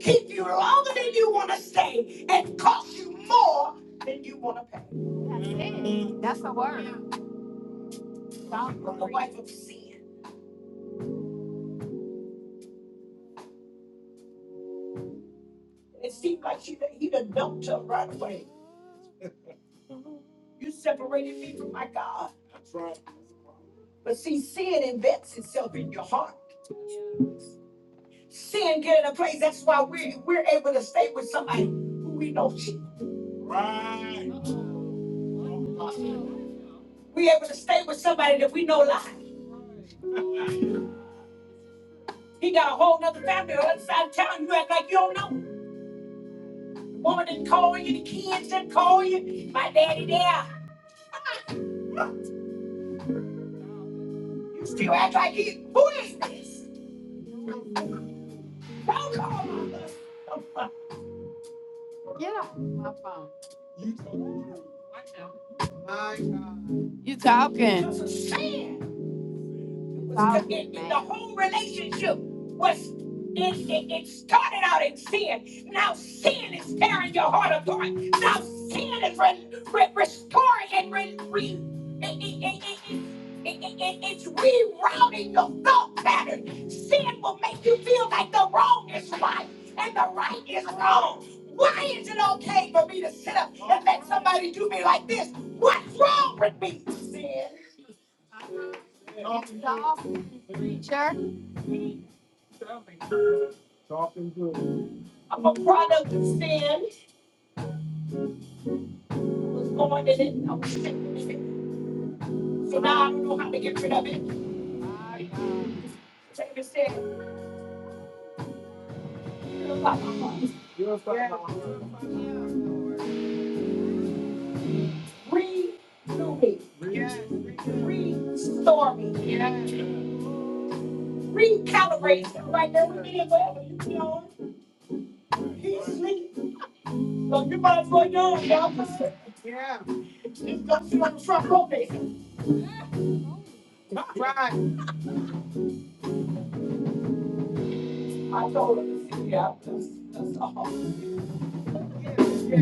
S3: keep you longer than you want to stay, and cost you more than you want to pay. That's the word. Stop from the wife of sin. It seemed like she, he done dumped her right away. You separated me from my God. But see, sin invents itself in your heart. Sin get in a place. That's why we're, we're able to stay with somebody who we know cheat. We're able to stay with somebody that we know lies. He got a whole nother family on the other side of town. You act like you don't know. Woman didn't call you, the kids didn't call you. My daddy there. You still act like he. Who is this? Don't call my husband. My phone. My God. You talking. That's a sin. was Talk, The whole relationship was it, it, it started out in sin. Now sin is tearing your heart apart. Now sin is re- re- restoring and re- re- it, it, it, it, it, it, it- it's rerouting your thought pattern. Sin will make you feel like the wrong is right and the right is wrong. Why is it okay for me to sit up and let somebody do me like this? What's wrong with me? Sin. I'm a product of sin. I Was born in it. I was taken in it. So now I don't know how to get rid of it. David said, "Purify my heart. Renew me. Yes. Restore me. Yes. Recalibrate. So Right there with me and wherever you be on. He's asleep. So you might as well know, y'all. Yeah. Just go sit on the front row, baby. Right. I told him, yeah, that's, that's all. Yeah. Yeah.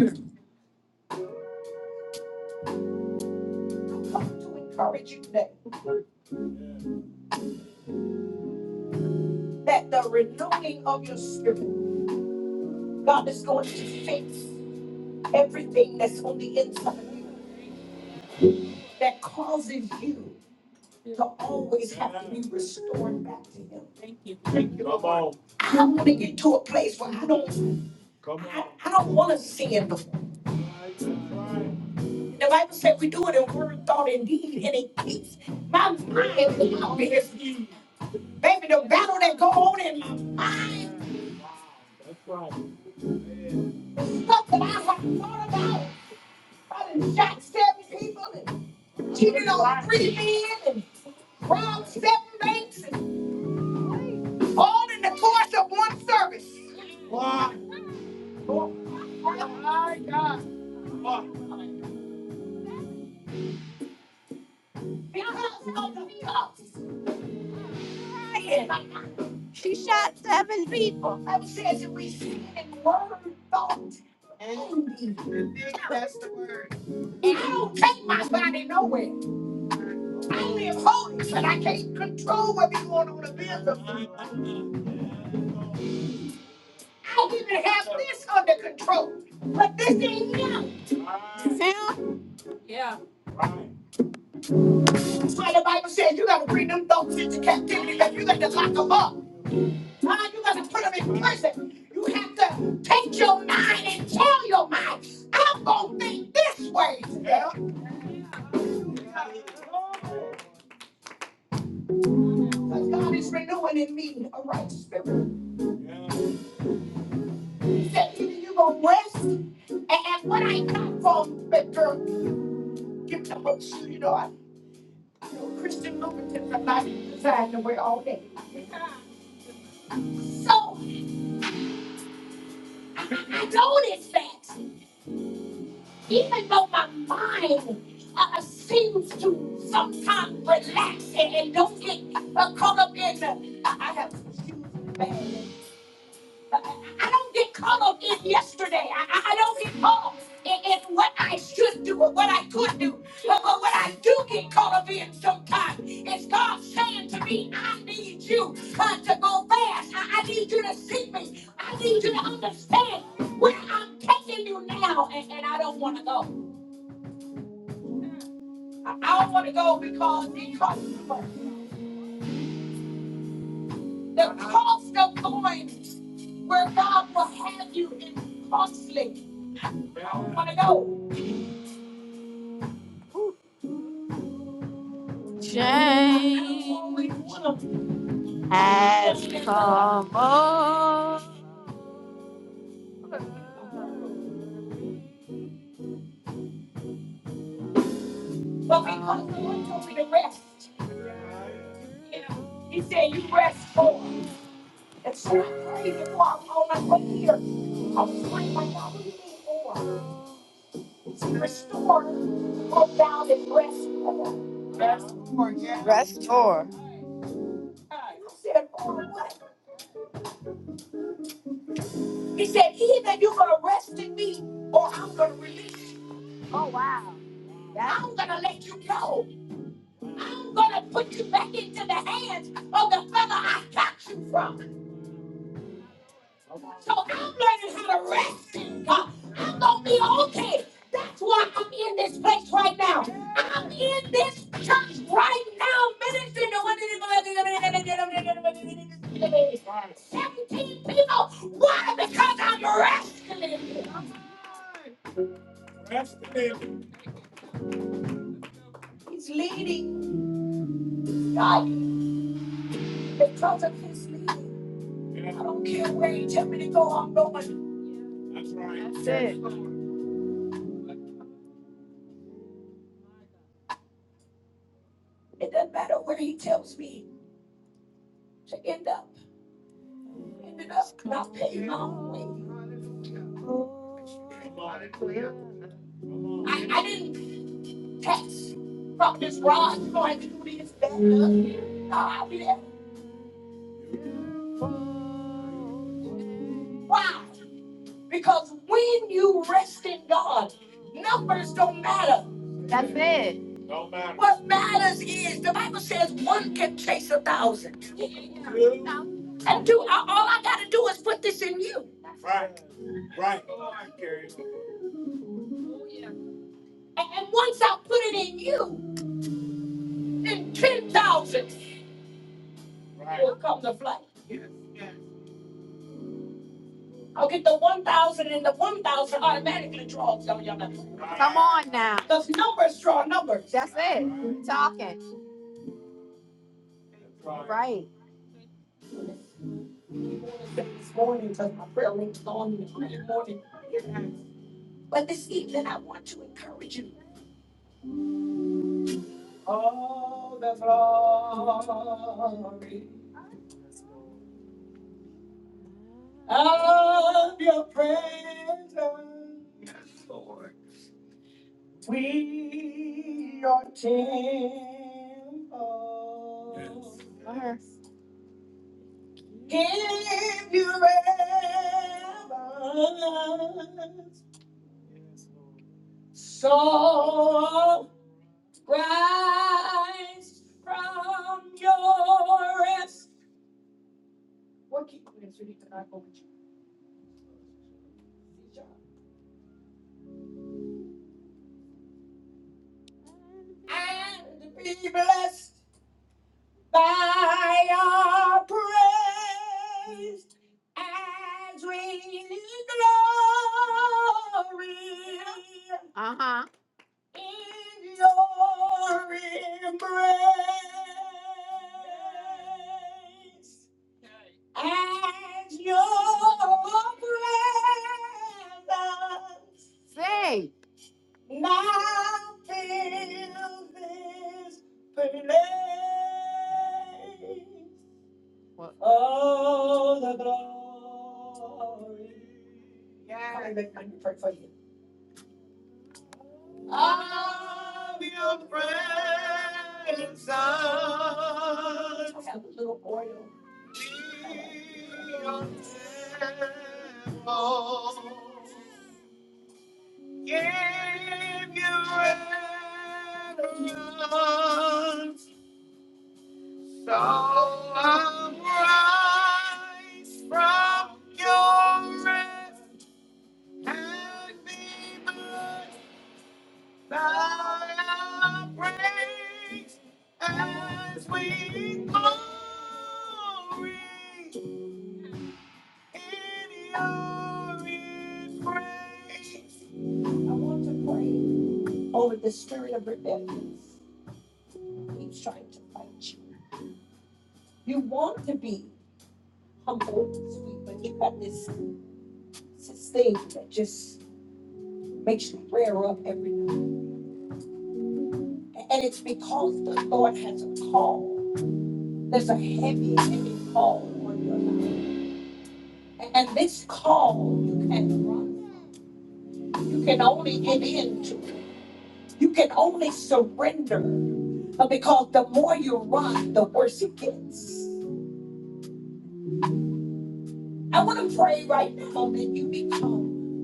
S3: come to encourage you today that the renewing of your spirit, God is going to fix everything that's on the inside of you that causes you to always be restored back to Him. I want to get to a place where I don't, I don't want to sin no The Bible said we do it in word, thought, and deed, and it keeps my mind is out Baby, the battle that go on in my mind, the stuff that I have thought about, I done shot seven people. cheated on three men and robbed seven banks, all in the course of one service. Oh My God. In her household of cups. Lying. She shot seven people. I says that we sin in word, thought, and deed. That's the word. And I don't take my body nowhere. I live holy, but I can't control what be going on in the business. I don't even have this under control. But this ain't young. That's why the Bible says you gotta bring them thoughts into captivity, that you gotta lock them up. Why? You gotta put them in prison. You have to take your mind and tell your mind, I'm gonna think this way. Yeah. But God is renewing in me a right spirit. He said, either you gonna rest, and, and what I come from, but girl, give the most you know. I, I know Christian Lubricants are not designed to wear all day. So I I know this fact. Even though my mind uh, seems to sometimes relax and, and don't get uh, caught up in, uh, I, I have shoes bad. I, I I don't get caught up in yesterday. I, I I don't get caught up in, in what I should do or what I could do. But, but what I do get caught up in sometimes is God saying to me, I need you uh, to go fast. I, I need you to see me. I need you to understand where I'm taking you now. And, and I don't want to go. I don't want to go because the cost, the cost of going where God will have you is costly. I don't want to go. Change has come over. But because the Lord told me to rest, you know, He said, You rest for. And so I'm praising for I'm on my here. I'm praying like I need more. Restore what thou didst rest for. Restore, yeah. Restore. He said, for what? He said, either you're going to rest in me or I'm going to release you. Oh, wow. That- I'm going to let you go. I'm going to put you back into the hands of the fella I got you from. So I'm learning how to rest in God. I'm going to be okay. That's why I'm in this place right now. I'm in this church right now. Ministering to 17 people. Why? Because I'm resting. in Him. He's leading, guiding because of his leading. I don't care where he tells me to go, I'm going. It doesn't matter where he tells me to end up. Ended up not paying my own way. I, I didn't text from this rod going through this bed. No, I didn't. Why? Because when you rest in God, numbers don't matter. That's it. What matters is the Bible says one can chase a thousand. And do I- all I gotta do is put this in you. And and once I put it in you, then ten thousand will come to flight. I'll get the 1,000 and the 1,000 automatically draws on your number. now. Because numbers draw numbers. That's it. Talking. Right. This morning, because my prayer link on me this morning. But this evening, I want to encourage you. Of your presence, we are temple. Love Give you heaven, Oh, Rise from your rest. What keep doing so you cannot go with you? And be blessed by your praise as we glory Uh huh. in your embrace. And your presence. Say, now fill this place. What? Oh, the glory. Yeah. I of your presence. I Have a little oil. Be your temple. Give you reverence. So I'm rise from your rest and be blessed. Thy praise as we glory in your embrace. I want to pray over the spirit of rebellion keeps trying to fight you. You want to be humble and sweet, but you got this, this thing that just makes you rear up every night. And it's because the Lord has a call. There's a heavy, heavy call on your life. And this call you can not run. You can only get into. You can only surrender. uh, Because the more you run, the worse it gets. I want to pray right now that you become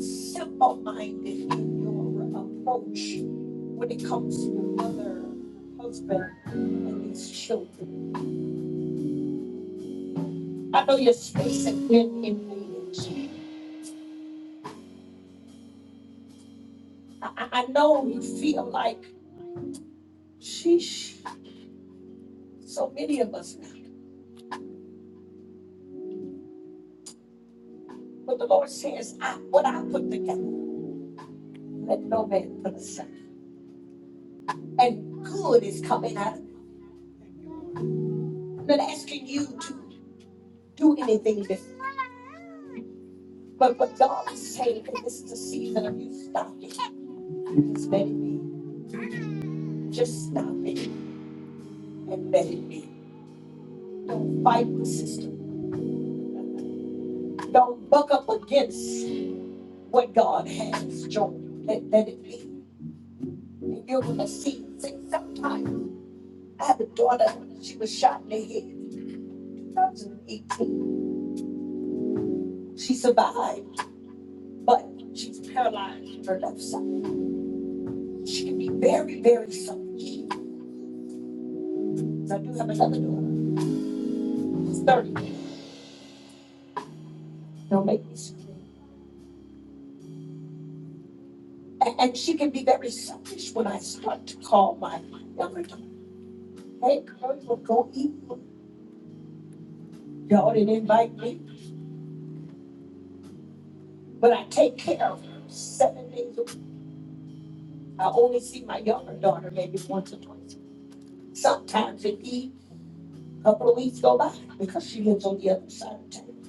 S3: simple minded in your approach when it comes to your mother, husband, and these children. I know your space has been invaded. I, I I know you feel like, sheesh, so many of us But the Lord says, I, what I put together, let no man put aside. And good is coming out. I'm not asking you to do anything different. But what God is saying this is the season of you stopping. Just let it be. Just stop it and let it be. Don't fight the system. Don't buck up against what God has joined. Let, let it be. And you're going to see. See, sometimes I have a daughter, she was shot in the head in 2018. She survived. but she's paralyzed on her left side. She can be very, very selfish. I do have another daughter who's 30. Don't make me scream. And she can be very selfish when I start to call my younger daughter. Hey, girl, you want go eat? Y'all didn't invite me, but I take care of her seven days a week. I only see my younger daughter maybe once or twice. Sometimes it be a couple of weeks go by because she lives on the other side of town.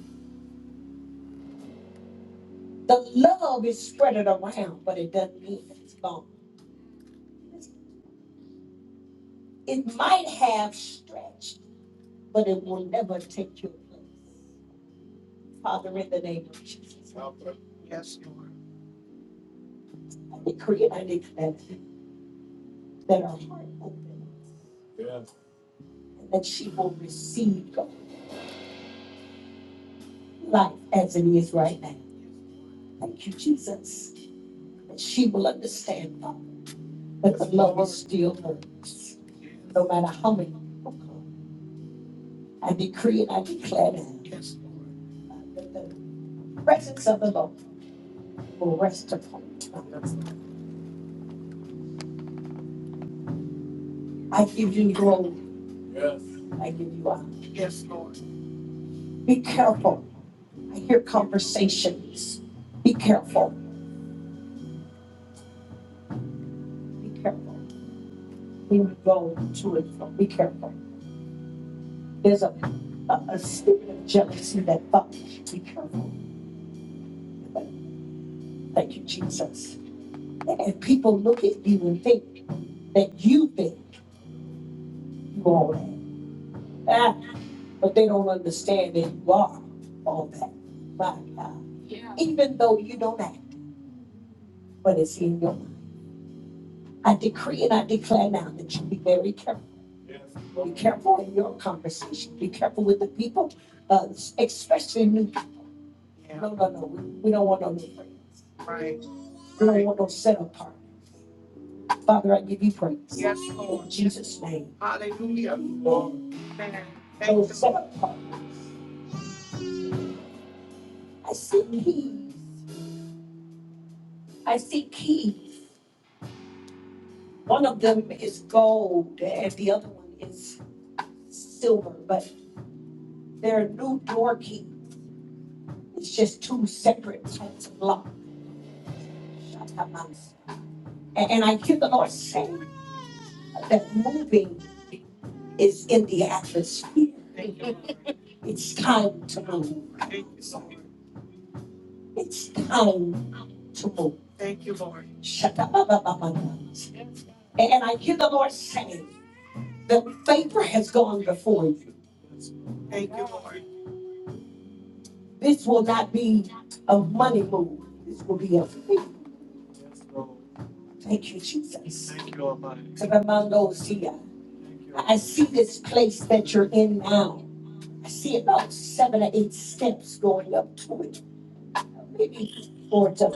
S3: The love is spreaded around, but it doesn't mean that it's long. It might have stretched, but it will never take your place. Father, in the name of Jesus. Yes, Lord. I decree and I declare that her heart open and that she will receive God, life as it is right now. Thank you, Jesus. That she will understand, Father, that the still works, no matter how many people come. I decree and I declare that, Yes. that the presence of the Lord will rest upon her. I give you glory. I give you honor. Be careful. I hear conversations. Be careful. Be careful. When you go to and from, be careful. There's a, a, a spirit of jealousy that thought, be careful. Thank you, Jesus. And people look at you and think that you think you all that. Ah, but they don't understand that you are all that. My God. Even though you don't act, but it's in your mind. I decree and I declare now that you be very careful careful in your conversation. Be careful with the people, uh, especially new. people. Yeah. No, no, no. We, we don't want no new friends. Right. We don't Right. want no set apart. Father, I give you praise. Yes, In Lord. In Jesus' name. Hallelujah. Amen. Amen. No Thank you. set apart. I see keys. I see keys. One of them is gold and the other one is silver, but they're new door keys. It's just two separate types of locks. And, and I hear the Lord saying, that moving is in the atmosphere. It's time to move. It's time to move. Thank you, Lord. Shakababababanas. And I hear the Lord saying "The favor has gone before you. Thank Lord. This will not be a money move. This will be a favor. Thank you, Jesus. Kabamando siya. I see this place that you're in now. I see about seven or eight steps going up to it, maybe four to.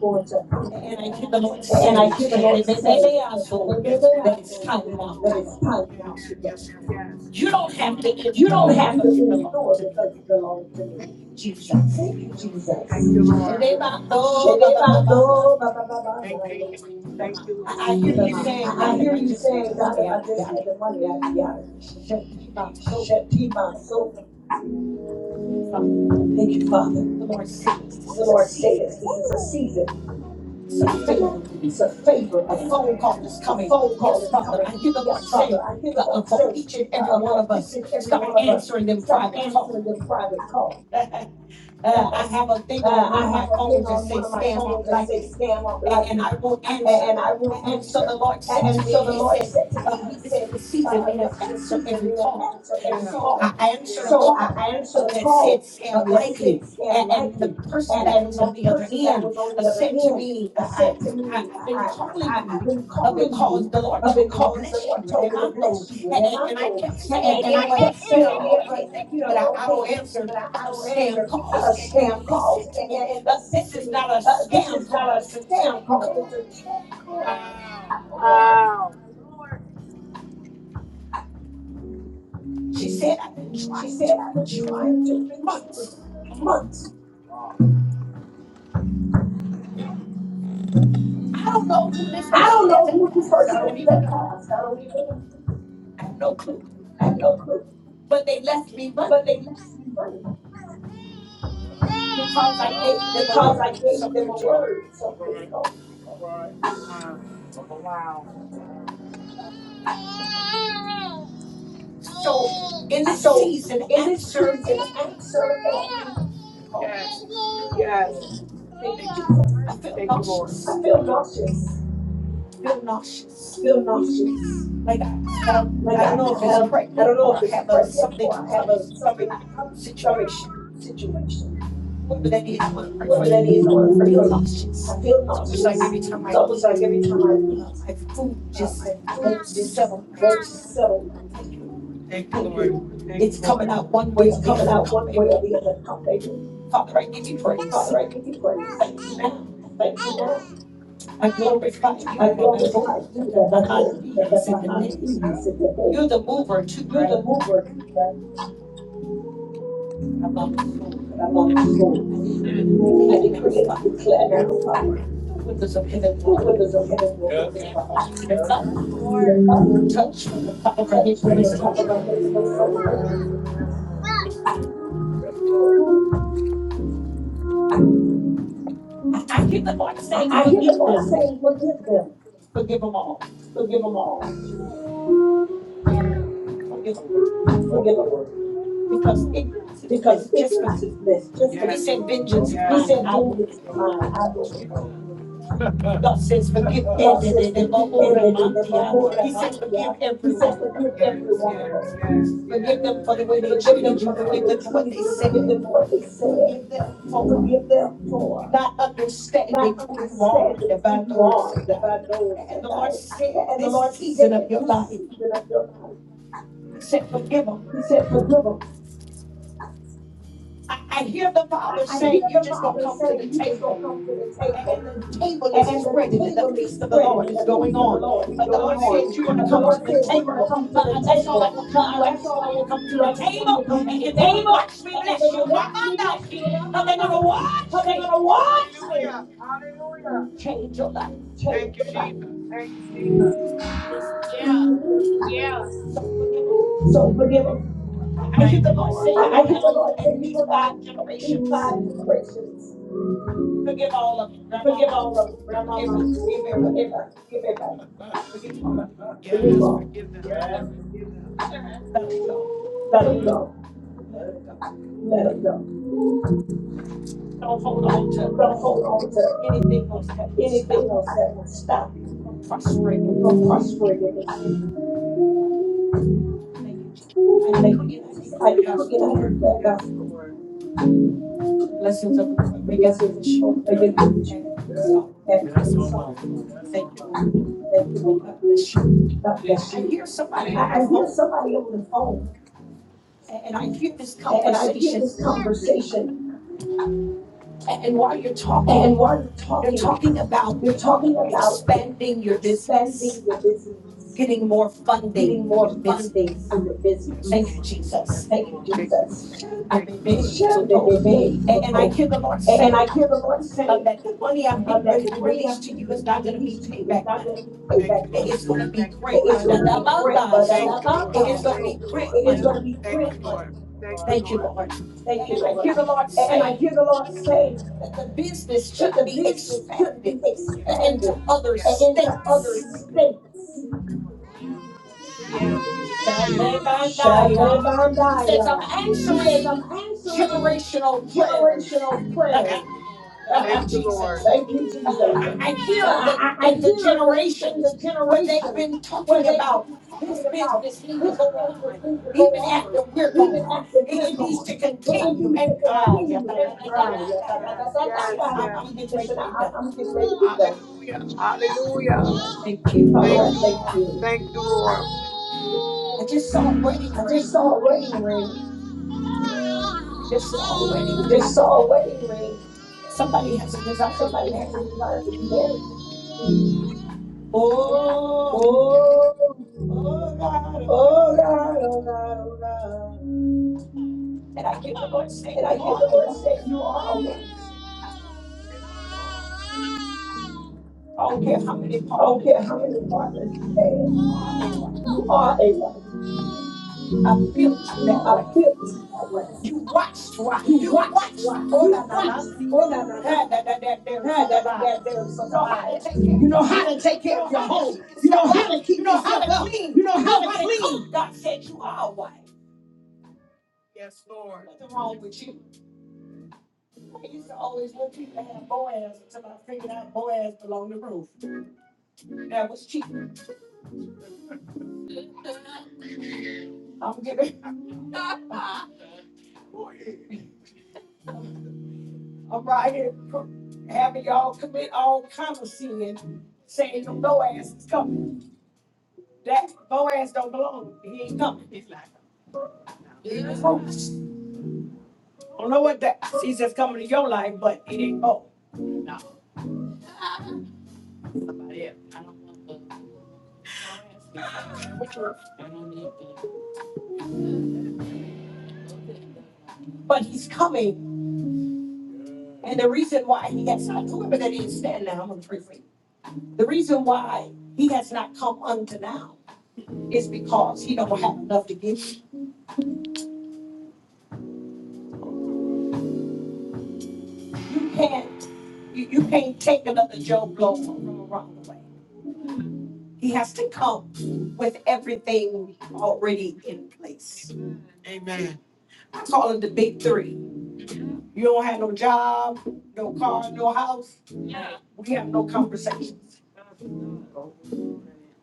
S1: Lord, to-
S3: And I hear the Lord
S1: And I
S3: saying,
S1: hear the
S3: said, they,
S1: Lord
S3: they, they,
S1: say
S3: they are
S1: that they,
S3: so
S1: they, they
S3: that
S1: are
S3: it's
S1: so
S3: time now to
S1: that it's
S3: go.
S1: time now to go. Yes,
S3: You
S1: yes,
S3: don't have
S1: Lord.
S3: to
S1: You don't
S3: endure
S1: have to
S3: because you belong
S1: endure
S3: to
S1: because you
S3: me,
S1: belong to me.
S3: Jesus.
S1: Thank you, Jesus. Thank you,
S3: And they
S1: Lord.
S3: about, oh, ba, ba, ba, ba, ba,
S1: Shedebando,
S3: yeah.
S1: ba, ba, ba, ba, ba, ya.
S3: I, I hear you
S1: Come on.
S3: saying,
S1: I, I
S3: God, if
S1: hear
S3: I
S1: you
S3: just had the
S1: saying, God,
S3: money,
S1: if I
S3: I'd be
S1: just
S3: out
S1: had
S3: here.
S1: the money, I'd be out of it.
S3: Shut the box open.
S1: Shetima, so
S3: The
S1: Thank you, Father.
S3: Lord says, this
S1: The
S3: is a
S1: Lord says this
S3: season.
S1: is a season.
S3: It's a
S1: Thank you,
S3: favor.
S1: Lord.
S3: to me.
S1: It's a favor
S3: A
S1: thing.
S3: phone call is
S1: A
S3: coming.
S1: phone call
S3: Yes,
S1: is
S3: Father. I
S1: coming.
S3: hear the Lord
S1: Yes, Father,
S3: saying
S1: I hear the
S3: uh, uh,
S1: Lord
S3: for each
S1: saying
S3: and every
S1: uh, uh,
S3: one
S1: for
S3: of
S1: each
S3: us,
S1: and every
S3: start
S1: one of us,
S3: answering them
S1: start
S3: private calls.
S1: answering your private call.
S3: Uh, I have a thing on
S1: Uh,
S3: one
S1: I
S3: of my
S1: have a thing
S3: phones that
S1: on one of
S3: says
S1: my
S3: scam on
S1: phones that
S3: likely,
S1: says scam up
S3: and, and
S1: lightly,
S3: I won't answer.
S1: and, and I won't
S3: A- And so the
S1: answer.
S3: Lord
S1: And,
S3: said to
S1: and
S3: me,
S1: so the
S3: He
S1: Lord
S3: said,
S1: said to
S3: uh,
S1: me, He
S3: This
S1: said,
S3: is the
S1: uh,
S3: season me
S1: uh,
S3: to
S1: "This is your
S3: answer
S1: season.
S3: every
S1: You will
S3: call.
S1: answer
S3: Yeah.
S1: every
S3: So
S1: call."
S3: I
S1: Yeah.
S3: answered a
S1: So I
S3: call uh,
S1: answered a
S3: that said
S1: call uh,
S3: scam
S1: that said
S3: likely.
S1: scam
S3: And, and the
S1: likely,
S3: person
S1: and,
S3: that
S1: and
S3: was
S1: the
S3: on the other
S1: person that was
S3: end
S1: on
S3: uh,
S1: the other
S3: said to
S1: end
S3: me,
S1: uh,
S3: I,
S1: said to
S3: I, I-
S1: me,
S3: I've been
S1: I, I,
S3: calling
S1: I, I've
S3: you
S1: been
S3: uh,
S1: calling
S3: because
S1: you
S3: the Lord
S1: uh,
S3: told me to
S1: because the
S3: bless
S1: Lord
S3: you. And,
S1: told me to
S3: I'm not-
S1: bless you with
S3: and, and I
S1: Amando.
S3: kept saying,
S1: And, and
S3: Yeah,
S1: I
S3: but
S1: kept
S3: you know,
S1: saying, yeah,
S3: okay,
S1: but,
S3: thank
S1: you
S3: you, but I,
S1: know,
S3: I
S1: okay,
S3: don't
S1: thank you,
S3: answer
S1: but I, I
S3: uh,
S1: don't
S3: scam
S1: answer
S3: calls.
S1: uh,
S3: And, and
S1: spam
S3: they
S1: calls.
S3: said to
S1: And, and,
S3: me,
S1: and
S3: uh,
S1: they said
S3: This
S1: to
S3: is not a
S1: me, uh, this
S3: scam
S1: is not
S3: call,
S1: a
S3: it's a
S1: spam
S3: check
S1: call,
S3: call.
S1: it's a check call.
S3: Wow.
S1: Wow.
S3: She said, I've been
S1: She
S3: trying to
S1: said, I've been
S3: reach you for
S1: trying to reach you for
S3: months.
S1: months.
S3: I don't know who this
S1: I
S3: person
S1: don't
S3: is
S1: know
S3: that
S1: who this
S3: passed. I
S1: person
S3: don't
S1: is in
S3: even
S1: that
S3: know.
S1: past. I don't even know.
S3: I have no clue.
S1: I have no clue.
S3: But they left me
S1: But
S3: money
S1: they left me money
S3: because I gave them a
S1: because I
S3: word
S1: gave
S3: some
S1: them a
S3: years ago.
S1: word So here years go.
S3: Wow. So in this
S1: So
S3: season,
S1: in this
S3: answer every
S1: season, I'm
S3: call.
S1: serving people.
S3: Yes. Thank you.
S1: Yes.
S3: Jesus.
S1: Thank you,
S3: Thank you,
S1: Jesus.
S3: Lord. I feel nauseous.
S1: I feel nauseous.
S3: I feel
S1: I
S3: nauseous.
S1: feel nauseous.
S3: like I have,
S1: Like
S3: I
S1: I
S3: don't know if it's
S1: have, I don't
S3: pregnant
S1: know
S3: or
S1: if
S3: I
S1: it's
S3: have a
S1: pregnant
S3: something
S1: or I have a
S3: comes
S1: something
S3: coming
S1: stomach
S3: situation.
S1: situation.
S3: Whatever that is, I want to pray for
S1: Whoever that
S3: you.
S1: is, I want to
S3: I
S1: pray
S3: feel
S1: for you.
S3: nauseous.
S1: I feel
S3: It's almost
S1: nauseous.
S3: like every time
S1: It's
S3: I
S1: almost like
S3: eat,
S1: every time I
S3: uh,
S1: eat,
S3: my food
S1: uh, my
S3: just
S1: food
S3: won't
S1: just
S3: settle
S1: won't
S3: right.
S1: settle.
S3: Thank you, Lord. Thank you,
S1: Thank you,
S3: Lord.
S1: Lord. Thank you,
S3: It's coming
S1: Lord.
S3: out one way or
S1: It's
S3: the
S1: coming
S3: other.
S1: out
S3: Come,
S1: one way
S3: baby.
S1: or the other now, baby.
S3: Father, I give you praise.
S1: Father, I give you praise.
S3: Thank you now.
S1: Thank you, Lord.
S3: I glorify you
S1: I
S3: that I hope
S1: glorify you,
S3: that
S1: the
S3: that behind
S1: Lord,
S3: me
S1: the
S3: is in the day.
S1: Lord,
S3: You're
S1: today.
S3: the mover too,
S1: You're
S3: right?
S1: the mover here
S3: About the Lord.
S1: among us, Lord.
S3: I decree and
S1: I
S3: declare now,
S1: decree and
S3: Father,
S1: declare now, Father,
S3: the windows of heaven
S1: the
S3: will open
S1: windows
S3: for
S1: of heaven
S3: her.
S1: will open for
S3: She
S1: us.
S3: is up, touched from the top of her
S1: Touch
S3: head.
S1: from the top of our head to the soul.
S3: I, I hear the Lord saying,
S1: I hear the
S3: forgive
S1: Lord
S3: them,
S1: saying, forgive them,
S3: forgive them all,
S1: forgive them all, forgive them,
S3: because ignorance is
S1: because
S3: bliss. Just forgive.
S1: ignorance is
S3: them.
S1: bliss, just
S3: Yes.
S1: forgive
S3: He said, vengeance
S1: them.
S3: is
S1: He
S3: mine.
S1: said,
S3: I
S1: "Do
S3: will.
S1: this, mine, I will.
S3: Huh. God says, forgive. eh,
S1: God
S3: de-
S1: says,
S3: de- de- bo-
S1: forgive
S3: bo- re-
S1: and do
S3: man-
S1: them
S3: tia.
S1: who
S3: He says, forgive
S1: every He says,
S3: everyone.
S1: forgive every one of them. Yes,
S3: Forgive them
S1: yes.
S3: for the way they
S1: Forgive
S3: treated
S1: them for
S3: you.
S1: the way
S3: Forgive them
S1: they
S3: for what
S1: treated
S3: they
S1: you. Forgive them
S3: said.
S1: for what they said.
S3: Forgive them for.
S1: Forgive them for
S3: not
S1: not
S3: understanding who you are.
S1: understanding who
S3: about
S1: you
S3: those
S1: are.
S3: said I.
S1: Divine knows
S3: And
S1: that
S3: the Lord
S1: I.
S3: said,
S1: And the
S3: this
S1: Lord
S3: season of
S1: said,
S3: your life,
S1: this
S3: He
S1: season of your life,
S3: said, forgive them.
S1: He said, forgive them.
S3: I, I hear the
S1: I,
S3: Father
S1: I
S3: saying,
S1: hear
S3: you
S1: the
S3: just gonna
S1: Father
S3: come to the
S1: saying, you just
S3: table.
S1: don't come to the table.
S3: And the table is
S1: And the
S3: spreading, and the
S1: table is
S3: feast of the
S1: spreading,
S3: Lord
S1: and
S3: is
S1: the
S3: going
S1: feast of the Lord
S3: on.
S1: is
S3: But the
S1: going
S3: Lord
S1: on.
S3: said, You're going to
S1: But the
S3: come to
S1: Lord
S3: the
S1: said, You're going to
S3: table.
S1: come to
S3: But
S1: the
S3: uh, that's all I
S1: table.
S3: want
S1: Uh,
S3: you to
S1: uh,
S3: do. I
S1: that's
S3: just
S1: all I
S3: want you to
S1: want you
S3: come
S1: to
S3: to
S1: do.
S3: the
S1: I just want you to
S3: table,
S1: come to
S3: and,
S1: the
S3: and they're going to
S1: table,
S3: watch me
S1: and, they're
S3: bless you.
S1: going to watch me bless you.
S3: Ramanda, But they're going to watch
S1: But they're going
S3: me.
S1: to watch me.
S3: Hallelujah.
S1: Hallelujah.
S3: Change your life.
S1: Change
S3: Thank you,
S1: your life.
S3: Jesus.
S1: Thank you, Jesus.
S3: So forgive them.
S1: So forgive them.
S3: I hear
S1: Thank
S3: the
S1: you,
S3: Lord
S1: Lord.
S3: say, You
S1: I,
S3: go
S1: I hear the
S3: down
S1: Lord say,
S3: at
S1: You
S3: least
S1: go down
S3: five
S1: and do
S3: generations.
S1: five generations.
S3: Forgive all of you. Grandma,
S1: Forgive
S3: mom,
S1: all of them.
S3: everybody.
S1: Grandmama,
S3: Forgive everybody.
S1: forgive them. Forgive them.
S3: Forgive them all.
S1: Forgive them
S3: Yes,
S1: all.
S3: forgive them. Let them go.
S1: Let them go.
S3: Let them go.
S1: Let them go.
S3: Don't hold on to
S1: Don't hold on to
S3: anything else that will
S1: anything
S3: stop
S1: else that will stop you
S3: you from prospering.
S1: from prospering in this.
S3: Thank you, Jesus. I
S1: Thank
S3: decree and I
S1: I
S3: declare yes.
S1: decree and I declare God,
S3: the blessings of the Lord.
S1: the
S3: Make it
S1: blessings of the
S3: rich
S1: Lord make it rich
S3: and sorrow.
S1: and it's all.
S3: Thank you, Lord.
S1: Thank you,
S3: God
S1: Lord.
S3: bless you.
S1: God bless
S3: I
S1: you.
S3: hear
S1: I,
S3: somebody on
S1: I
S3: the
S1: hear
S3: phone
S1: somebody on the phone
S3: a- and I hear this
S1: and, and I hear this
S3: conversation.
S1: conversation
S3: a- And while you're talking,
S1: and while they are
S3: You're
S1: talking,
S3: talking about
S1: they are talking about
S3: expanding your business,
S1: expanding your business,
S3: getting more funding
S1: getting
S3: for
S1: more
S3: your
S1: funding
S3: business.
S1: for your
S3: Thank
S1: business.
S3: you, Jesus.
S1: Thank you, Jesus.
S3: So
S1: Should they
S3: told.
S1: be made for
S3: And, and I
S1: hope?
S3: hear the Lord
S1: And,
S3: saying
S1: I hear the Lord
S3: uh,
S1: saying
S3: that the money I'm
S1: uh,
S3: getting
S1: that
S3: ready to
S1: the money I
S3: release to you is
S1: re- I
S3: not going to be
S1: released to you is
S3: payback
S1: not
S3: money.
S1: going to be payback money.
S3: It's going to be
S1: Thank you,
S3: grant
S1: Lord. It's
S3: money.
S1: going to be grant money. That's
S3: So
S1: not my
S3: it is going
S1: Thank
S3: to be
S1: So you, Lord.
S3: grant
S1: it's
S3: money.
S1: going to be
S3: Thank
S1: grant money. Thank you,
S3: you,
S1: Lord.
S3: Lord.
S1: Thank you,
S3: And I
S1: Lord.
S3: hear
S1: And
S3: the Lord
S1: I
S3: saying
S1: hear the Lord saying
S3: that the business
S1: that
S3: should
S1: the
S3: be
S1: business should
S3: expanded
S1: be
S3: and into
S1: expanded
S3: other
S1: yes. and Yes. into other
S3: states.
S1: states.
S3: Shabbat He says,
S1: Shalabandaya.
S3: I'm
S1: He says,
S3: answering
S1: I'm answering
S3: generational prayers.
S1: generational prayers.
S3: Thank you,
S1: Thank you, Lord.
S3: Jesus.
S1: Thank you,
S3: I,
S1: Jesus.
S3: I I hear that
S1: I, I, I
S3: in the
S1: hear the, in
S3: generations
S1: the
S3: where they've
S1: generations
S3: been
S1: where
S3: talking
S1: they've
S3: about
S1: been
S3: this
S1: talking about
S3: business need to
S1: this
S3: go
S1: business
S3: on
S1: needs to go
S3: even
S1: on,
S3: after we're
S1: even
S3: gone.
S1: after
S3: It,
S1: we're
S3: it needs
S1: gone.
S3: to
S1: It, it
S3: continue.
S1: needs
S3: And
S1: to
S3: uh, yeah,
S1: continue
S3: yeah, yeah,
S1: and thrive. Yes,
S3: yeah. yeah.
S1: yes,
S3: Listen, I, I'm
S1: yes.
S3: i getting ready
S1: Listen,
S3: to
S1: I,
S3: be
S1: I-
S3: done.
S1: am getting ready to be done.
S3: Hallelujah.
S1: Hallelujah.
S3: Thank you.
S1: Father,
S3: Thank
S1: I
S3: you,
S1: thank
S3: Lord.
S1: you. Thank you, Lord.
S3: I just saw a wedding
S1: I
S3: ring.
S1: just saw a wedding ring.
S3: Just saw a wedding
S1: I just
S3: ring.
S1: saw a wedding ring.
S3: Somebody has a desire to be
S1: Somebody
S3: married.
S1: has a desire to be married.
S3: Oh,
S1: Oh,
S3: oh God, oh
S1: Oh
S3: God, oh
S1: God, oh God,
S3: God.
S1: oh God. And
S3: And I hear the Lord saying,
S1: I
S3: You
S1: hear the
S3: are a
S1: Lord
S3: wife.
S1: say, You are a wife.
S3: I don't care how many
S1: I don't
S3: partners you
S1: care how many
S3: have.
S1: partners you have.
S3: You are a wife.
S1: You are a wife.
S3: I built you that way.
S1: I feel this in my way.
S3: You watched why? You watched for that Nanansi. That, that, that, that, there is such a buyer. You know how to take care of your home. You know how to keep yourself up. You know how to clean. You know how to cook. God said you are a wife. Yes, Lord. Nothing wrong with you. I used to always want people to have Boaz until I figured out Boaz belonged to Ruth. That was cheap. I'm giving, I'm right here pro- having y'all commit all kind of sin, saying your Boaz is coming. That Boaz don't belong. He ain't coming. don't know what that season's coming to your life, but it ain't oh. But he's coming, and the reason why he has not whoever that is stand now, I'm gonna pray for you. The reason why he has not come unto now is because he don't have enough to give you. You can't you, you can't take another Joe blow from around the way. He has to come with everything already in place. Amen. I call it the big three. You don't have no job, no car, no house. We have no conversations.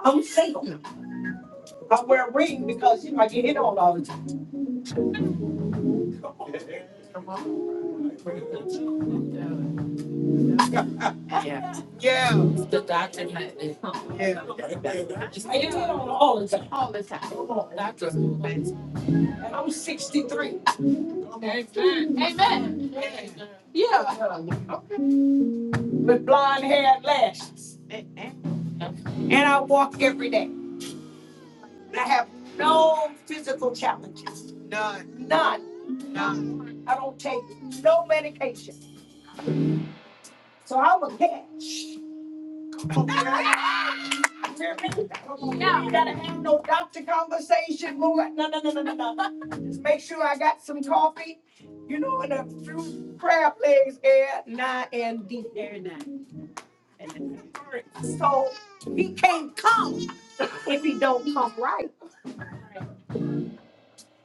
S3: I'm single. I wear a ring because you know I get hit on all the time. Yeah. Yeah. Yeah. I get hit on all the time. Come on. And I'm 63. Yeah. With blonde hair and lashes. And I walk every day. And I have no physical challenges. None. None. None. I don't take no medication. So I'm a catch. You hear me? I don't gotta have no doctor conversation. No, no, no, no, no, no. no. Just make sure I got some coffee. You know, and a few crab legs air nine and deep air nine. So he can't come if he don't come right.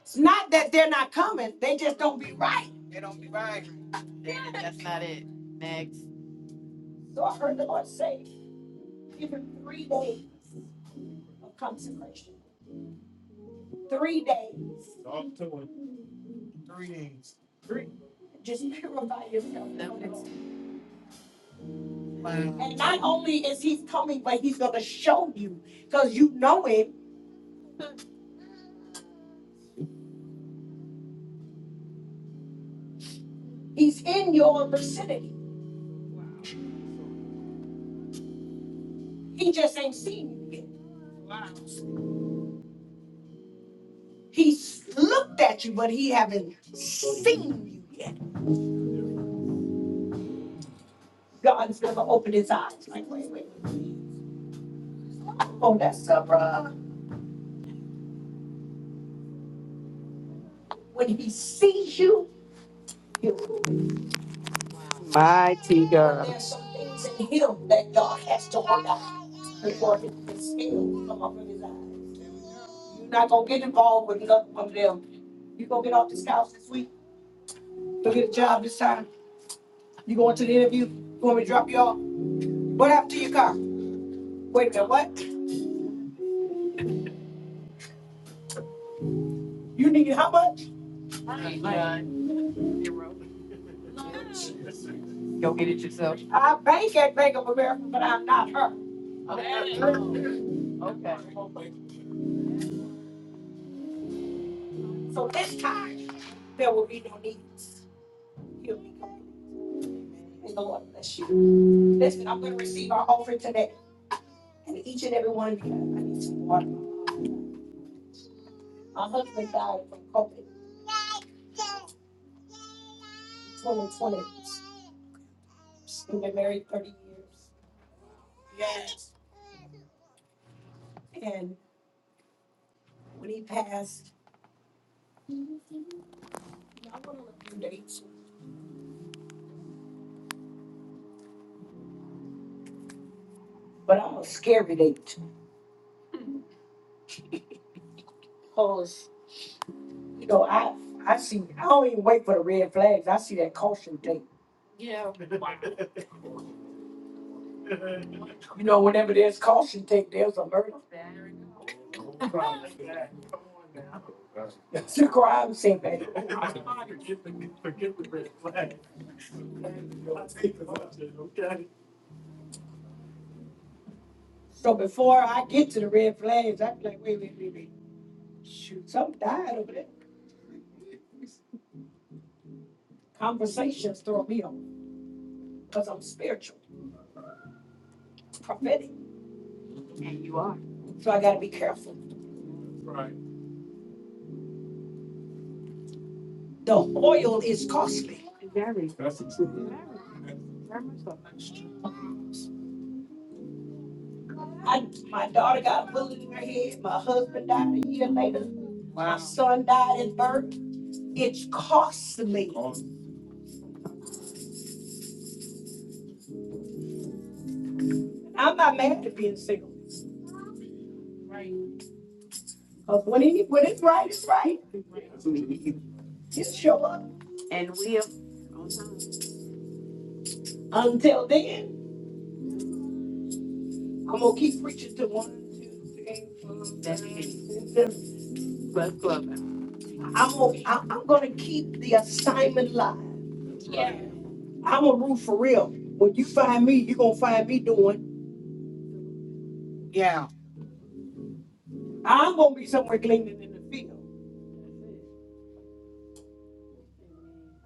S3: It's not that they're not coming; they just don't be right. They don't be right. That's not it. Next. So I heard the Lord say, give him three days of consecration. Three days. Three days. Just purify yourself. That makes And not only is he coming, but he's going to show you because you know him. He's in your vicinity. He just ain't seen you yet. He's looked at you, but he haven't seen you yet. God is going to open his eyes. Like, wait, wait, hold that stuff, bruh. When he sees you, you. Mighty But God. there's some things in him that God has to work out before his scales come up in his eyes. You're not going to get involved with nothing of them. You're going to get off this couch this week. Go get a job this time. You going to the interview? You want me to drop you off? What happened to your car? Wait a minute, what? You need how much? I bank at Bank of America, but I'm not her. Okay. So this time, there will be no needs. He'll be complete. And the Lord bless you. Listen, I'm going to receive our offering today. And each and every one of you, I need some water. My husband died from COVID in 2020. We've been married 30 years. Yes. And when he passed, I want to look dates, but I'm a scary date. Cause, you know, I I see I don't even wait for the red flags. I see that caution tape. You know, whenever there's caution tape, there's a murder. It's a crime scene, baby. So before I get to the red flags, I'm like, wait, wait, wait, wait. Shoot, something died over there. Conversations throw me off because I'm spiritual, prophetic. So I gotta be careful. The oil is costly. I, my daughter got a bullet in her head. My husband died a year later. Son died at birth. It's costly. I'm not mad at being single. Cause when it, when it's right, it's right. Just show up. And we will until then, I'm gonna keep preaching to one, two, three, four, I- I'm gonna I, I'm going to keep the assignment live. I'm a root for real. When you find me, you're gonna find me doing. Yeah. I'm gonna be somewhere gleaning in the field.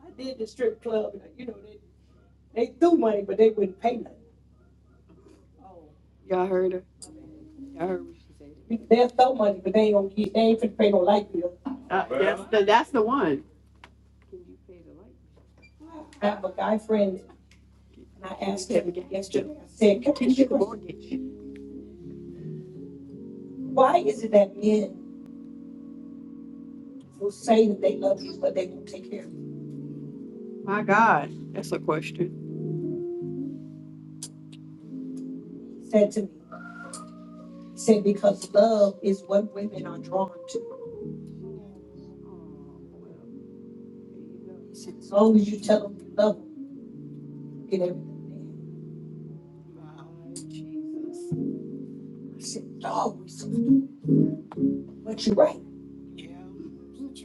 S3: I did the strip club, and, you know, they, they threw money, but they wouldn't pay nothing. Y'all heard her? Y'all heard what she said? There's so much, but they ain't gonna get, they ain't finna pay no light bill. I have a guy friend, and I asked him yesterday, I said, "Can you ask you a get why is it that men will say that they love you, but they won't take care of you? My God, that's a question. He Said to me, he said, because love is what women are drawn to. He said, as long as you tell them you love them, you get everything. they have." I said, dog, we so But you're right. Yeah, it's the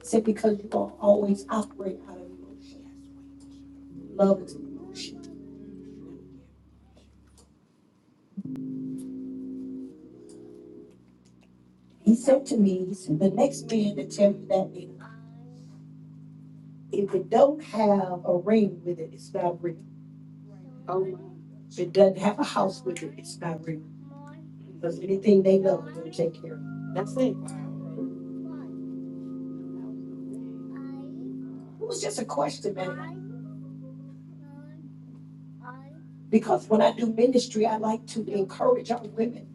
S3: Except because you're going always operate out of emotion. Love is an emotion. He said to me, he said, the next man that tell you that if it don't have a ring with it, it's not real. If it doesn't have a house with it, it's not real. Because anything they love, they'll take care of. It was just a question, man. Because when I do ministry, I like to encourage our women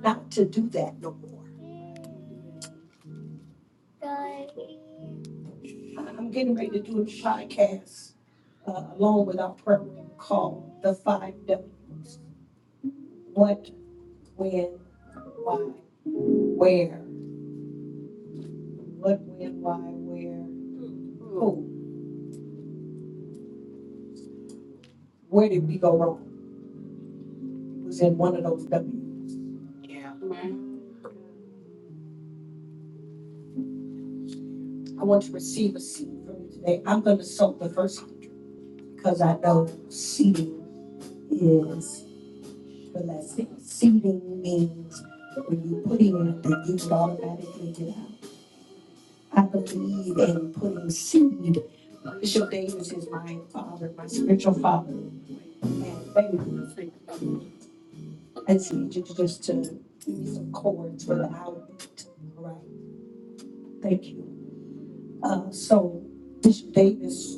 S3: not to do that no more. I'm getting ready to do a podcast uh, along with our program called The Five W's. What, when, why, where. What, when, why, where, who. Where did we go wrong? It was in one of those W's. I want to receive a seed from you today. I'm going to sow the first hundred because I know seeding is blessing. Seeding means when you put in, that you automatically get out. I believe in putting seed. Bishop Davis is my father, my spiritual father, and baby. I need you to just just to give me some chords for the outfit. All right, thank you. Uh, so Bishop Davis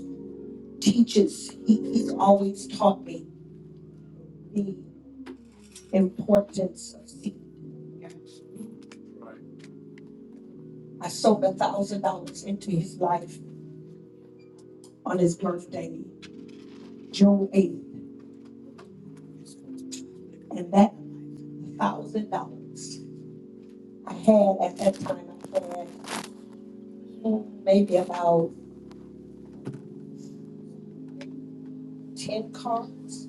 S3: teaches, he, he's always taught me the importance of seed. I sold a thousand dollars into his life on his birthday, June eighth, and that thousand dollars I had at that time, I had mm, maybe about ten cars.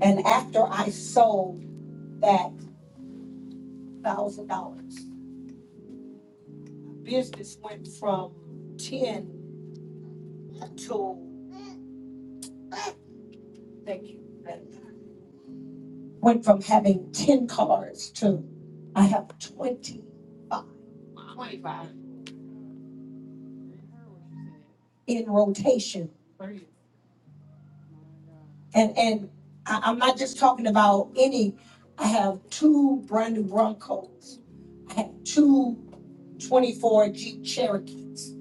S3: And after I sold that thousand dollars, business went from ten to, thank you, went from having ten cars to I have twenty-five in rotation And and I, I'm not just talking about any. I have two brand new Broncos. I have two 24 Jeep Cherokees.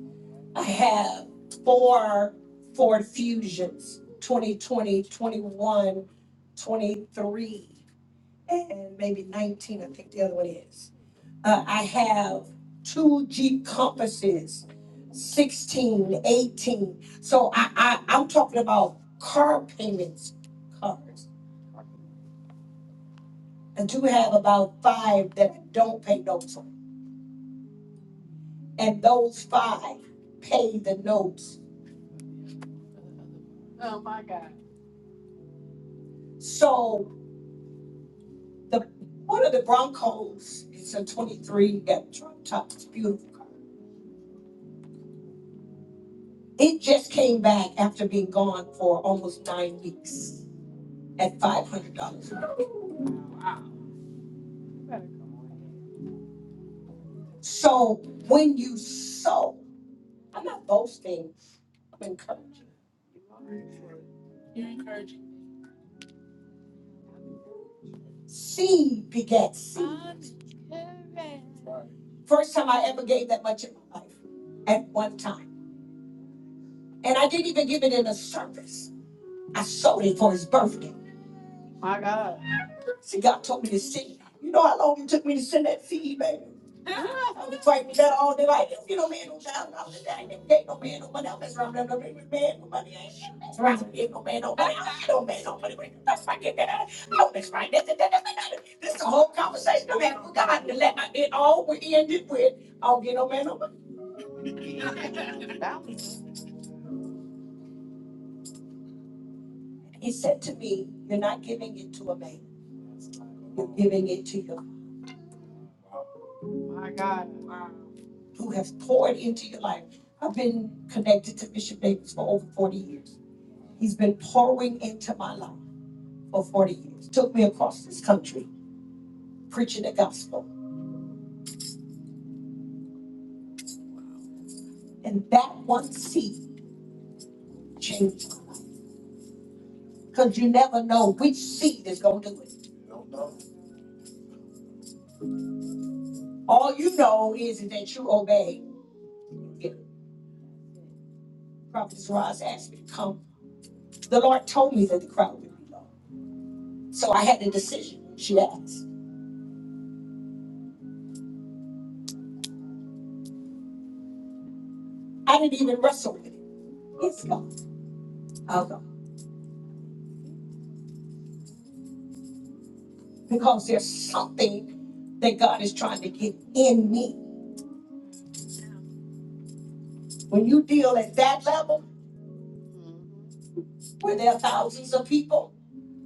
S3: I have four Ford Fusions, 2020, 21, 23, and maybe 19, I think the other one is. Uh, I have two Jeep compasses, 16, 18. So I, I, I'm talking about car payments, cars. I do have about five that I don't pay notes on. And those five pay the notes. So the one of the Broncos, it's a 23 Got drop top, it's beautiful. car. It just came back after being gone for almost nine weeks at $500. So when you sow, I'm not boasting, I'm encouraging. Seed begets seed. First time I ever gave that much in my life at one time. And I didn't even give it in a service. I sold it for his birthday. See, God told me to send. it. You know how long it took me to send that seed, baby? I was writing down all day like, if you don't man no thousand dollars a day, I never gave no man no money. I was running up every man no money. I ain't shit. That's right. I gave no man no money. I don't get no man no money. That's right. Get that out. No, that's right. That's it. That's it. This is the whole conversation I'm having with God. And let- It all we ended with, I don't get no man no money. He said to me, you're not giving it to a man. You're giving it to your, who has poured into your life. I've been connected to Bishop Davis for over 40 years. He's been pouring into my life. for 40 years, took me across this country preaching the gospel. And that one seed changed because you never know which seed is going to do it. All you know is that you obey. Yeah, Prophetess Roz asked me to come. The Lord told me that the crowd would be low. So I had a decision, she asked. I didn't even wrestle with it. It's God. I'll go. Because there's something that God is trying to get in me. When you deal at that level, where there are thousands of people.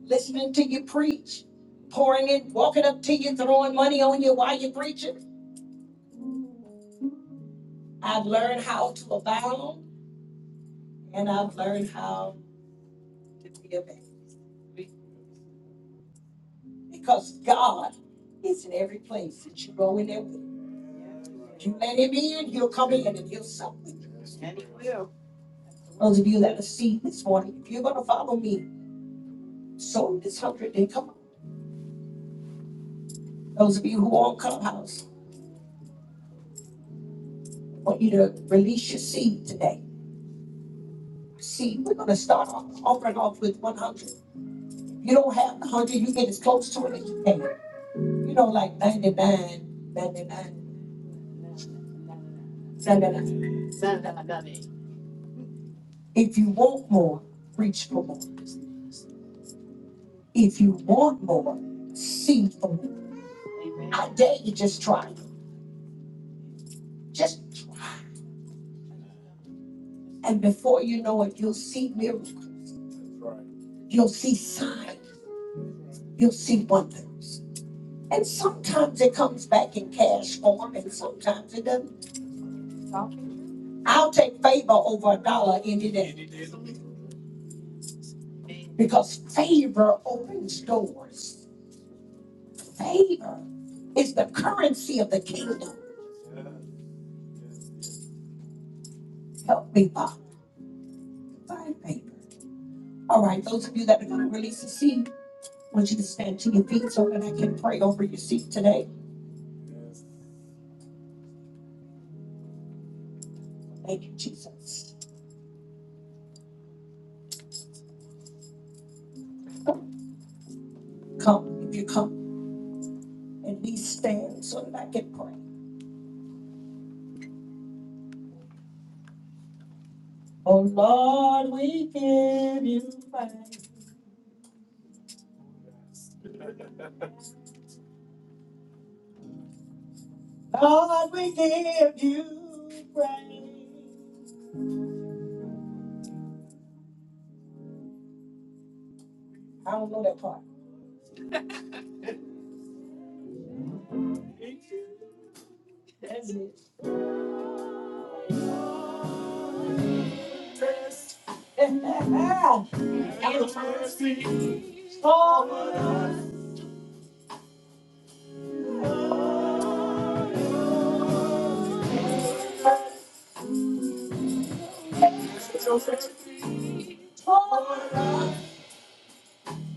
S3: listening to you preach, pouring it, walking up to you, throwing money on you while you're preaching. I've learned how to abound and I've learned how to be a Because God is in every place that you go in there with. If you let him in, he'll come in and he'll sup with you. Those of you that are seed this morning, if you're gonna follow me, sow this hundred and come on. Those of you who are on Clubhouse, I want you to release your seed today. Seed, we're gonna start off offering off with one hundred. You don't have 100, you get as close to it as you can. You know, like 99, ninety-nine, seventy-nine. If you want more, reach for more. If you want more, see for more. I dare you just try. Just, and before you know it, you'll see miracles. You'll see signs. You'll see wonders. And sometimes it comes back in cash form and sometimes it doesn't. I'll take favor over a dollar any day because favor opens doors favor. It's the currency of the kingdom. Help me, Father. Find favor. All right, those of you that are going to release a seed, I want you to stand to your feet so that I can pray over your seed today. Thank you, Jesus. Come, if you come, and we stand so that I can pray. Oh Lord, we give you praise. Lord, we give you praise. I don't know that part. That's it. oh,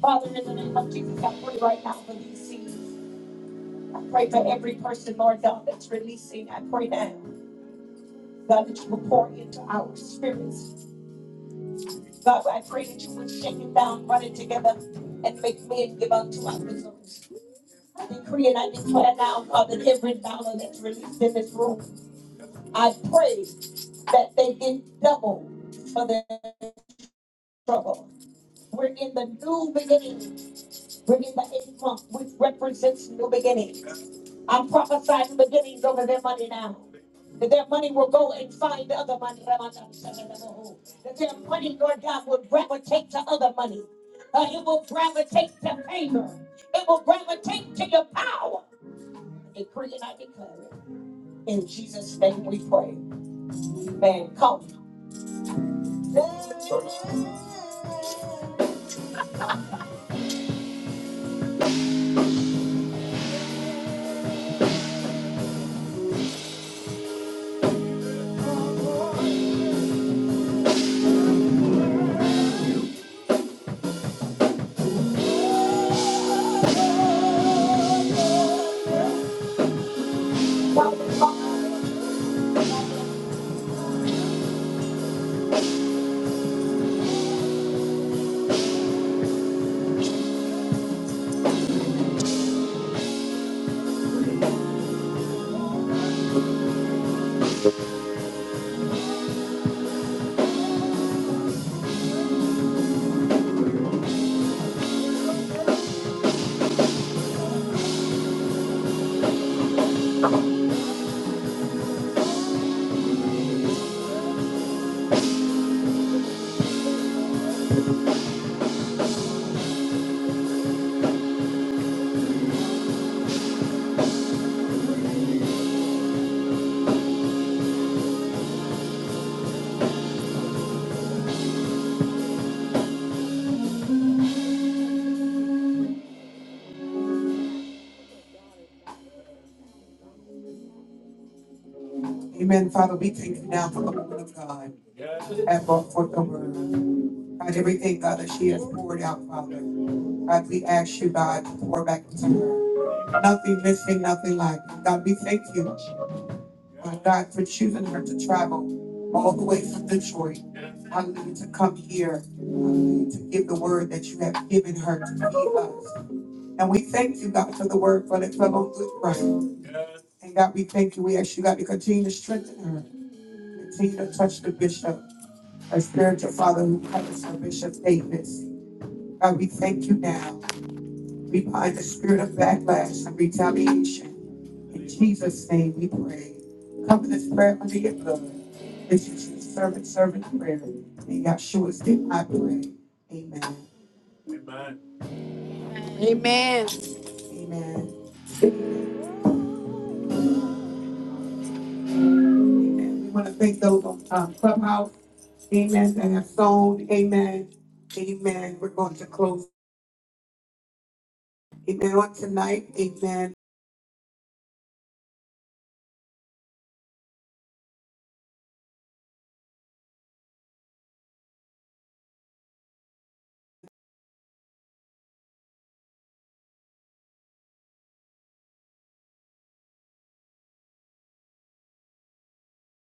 S3: Father, in the name of Jesus, I pray right now for these seeds. I pray for every person, Lord God, that's releasing. I pray now, God, that you will pour into our spirits. God, I pray that you would shake it down, run it together, and make men give unto our bosoms. I decree and I declare now, Father, that every dollar that's released in this room, I pray that they get double for their trouble. We're in the new beginning. bringing the eight month, which represents new beginnings. I'm prophesying beginnings over their money now. That their money will go and find other money. That their money, Lord God, will gravitate to other money. Uh, it will gravitate to favor. It will gravitate to your power. I Decree and I declare it. In Jesus' name we pray. Amen. Come. Amen. Father, we thank you now for the word of God and for the word. God, everything, God, that she has poured out, Father. God, we ask you, God, to pour back into her. Nothing missing, nothing lacking. God, we thank you, my God, for choosing her to travel all the way from Detroit. Hallelujah, to come here. Hallelujah, to give the word that you have given her to feed us. And we thank you, God, for the word for the fellow good friend. And God, we thank you. We ask you, God, to continue to strengthen her. Continue to touch the bishop, our spiritual father who covers her, Bishop Davis. God, we thank you now. We bind the spirit of backlash and retaliation. In Jesus' name we pray. Cover this prayer under your blood. This is your servant, servant prayer. In Yahshua's name I pray. Amen. Amen. Amen. And we want to thank those on um, Clubhouse. Amen. That have sown. Amen. Amen. We're going to close. Amen. On tonight. Amen.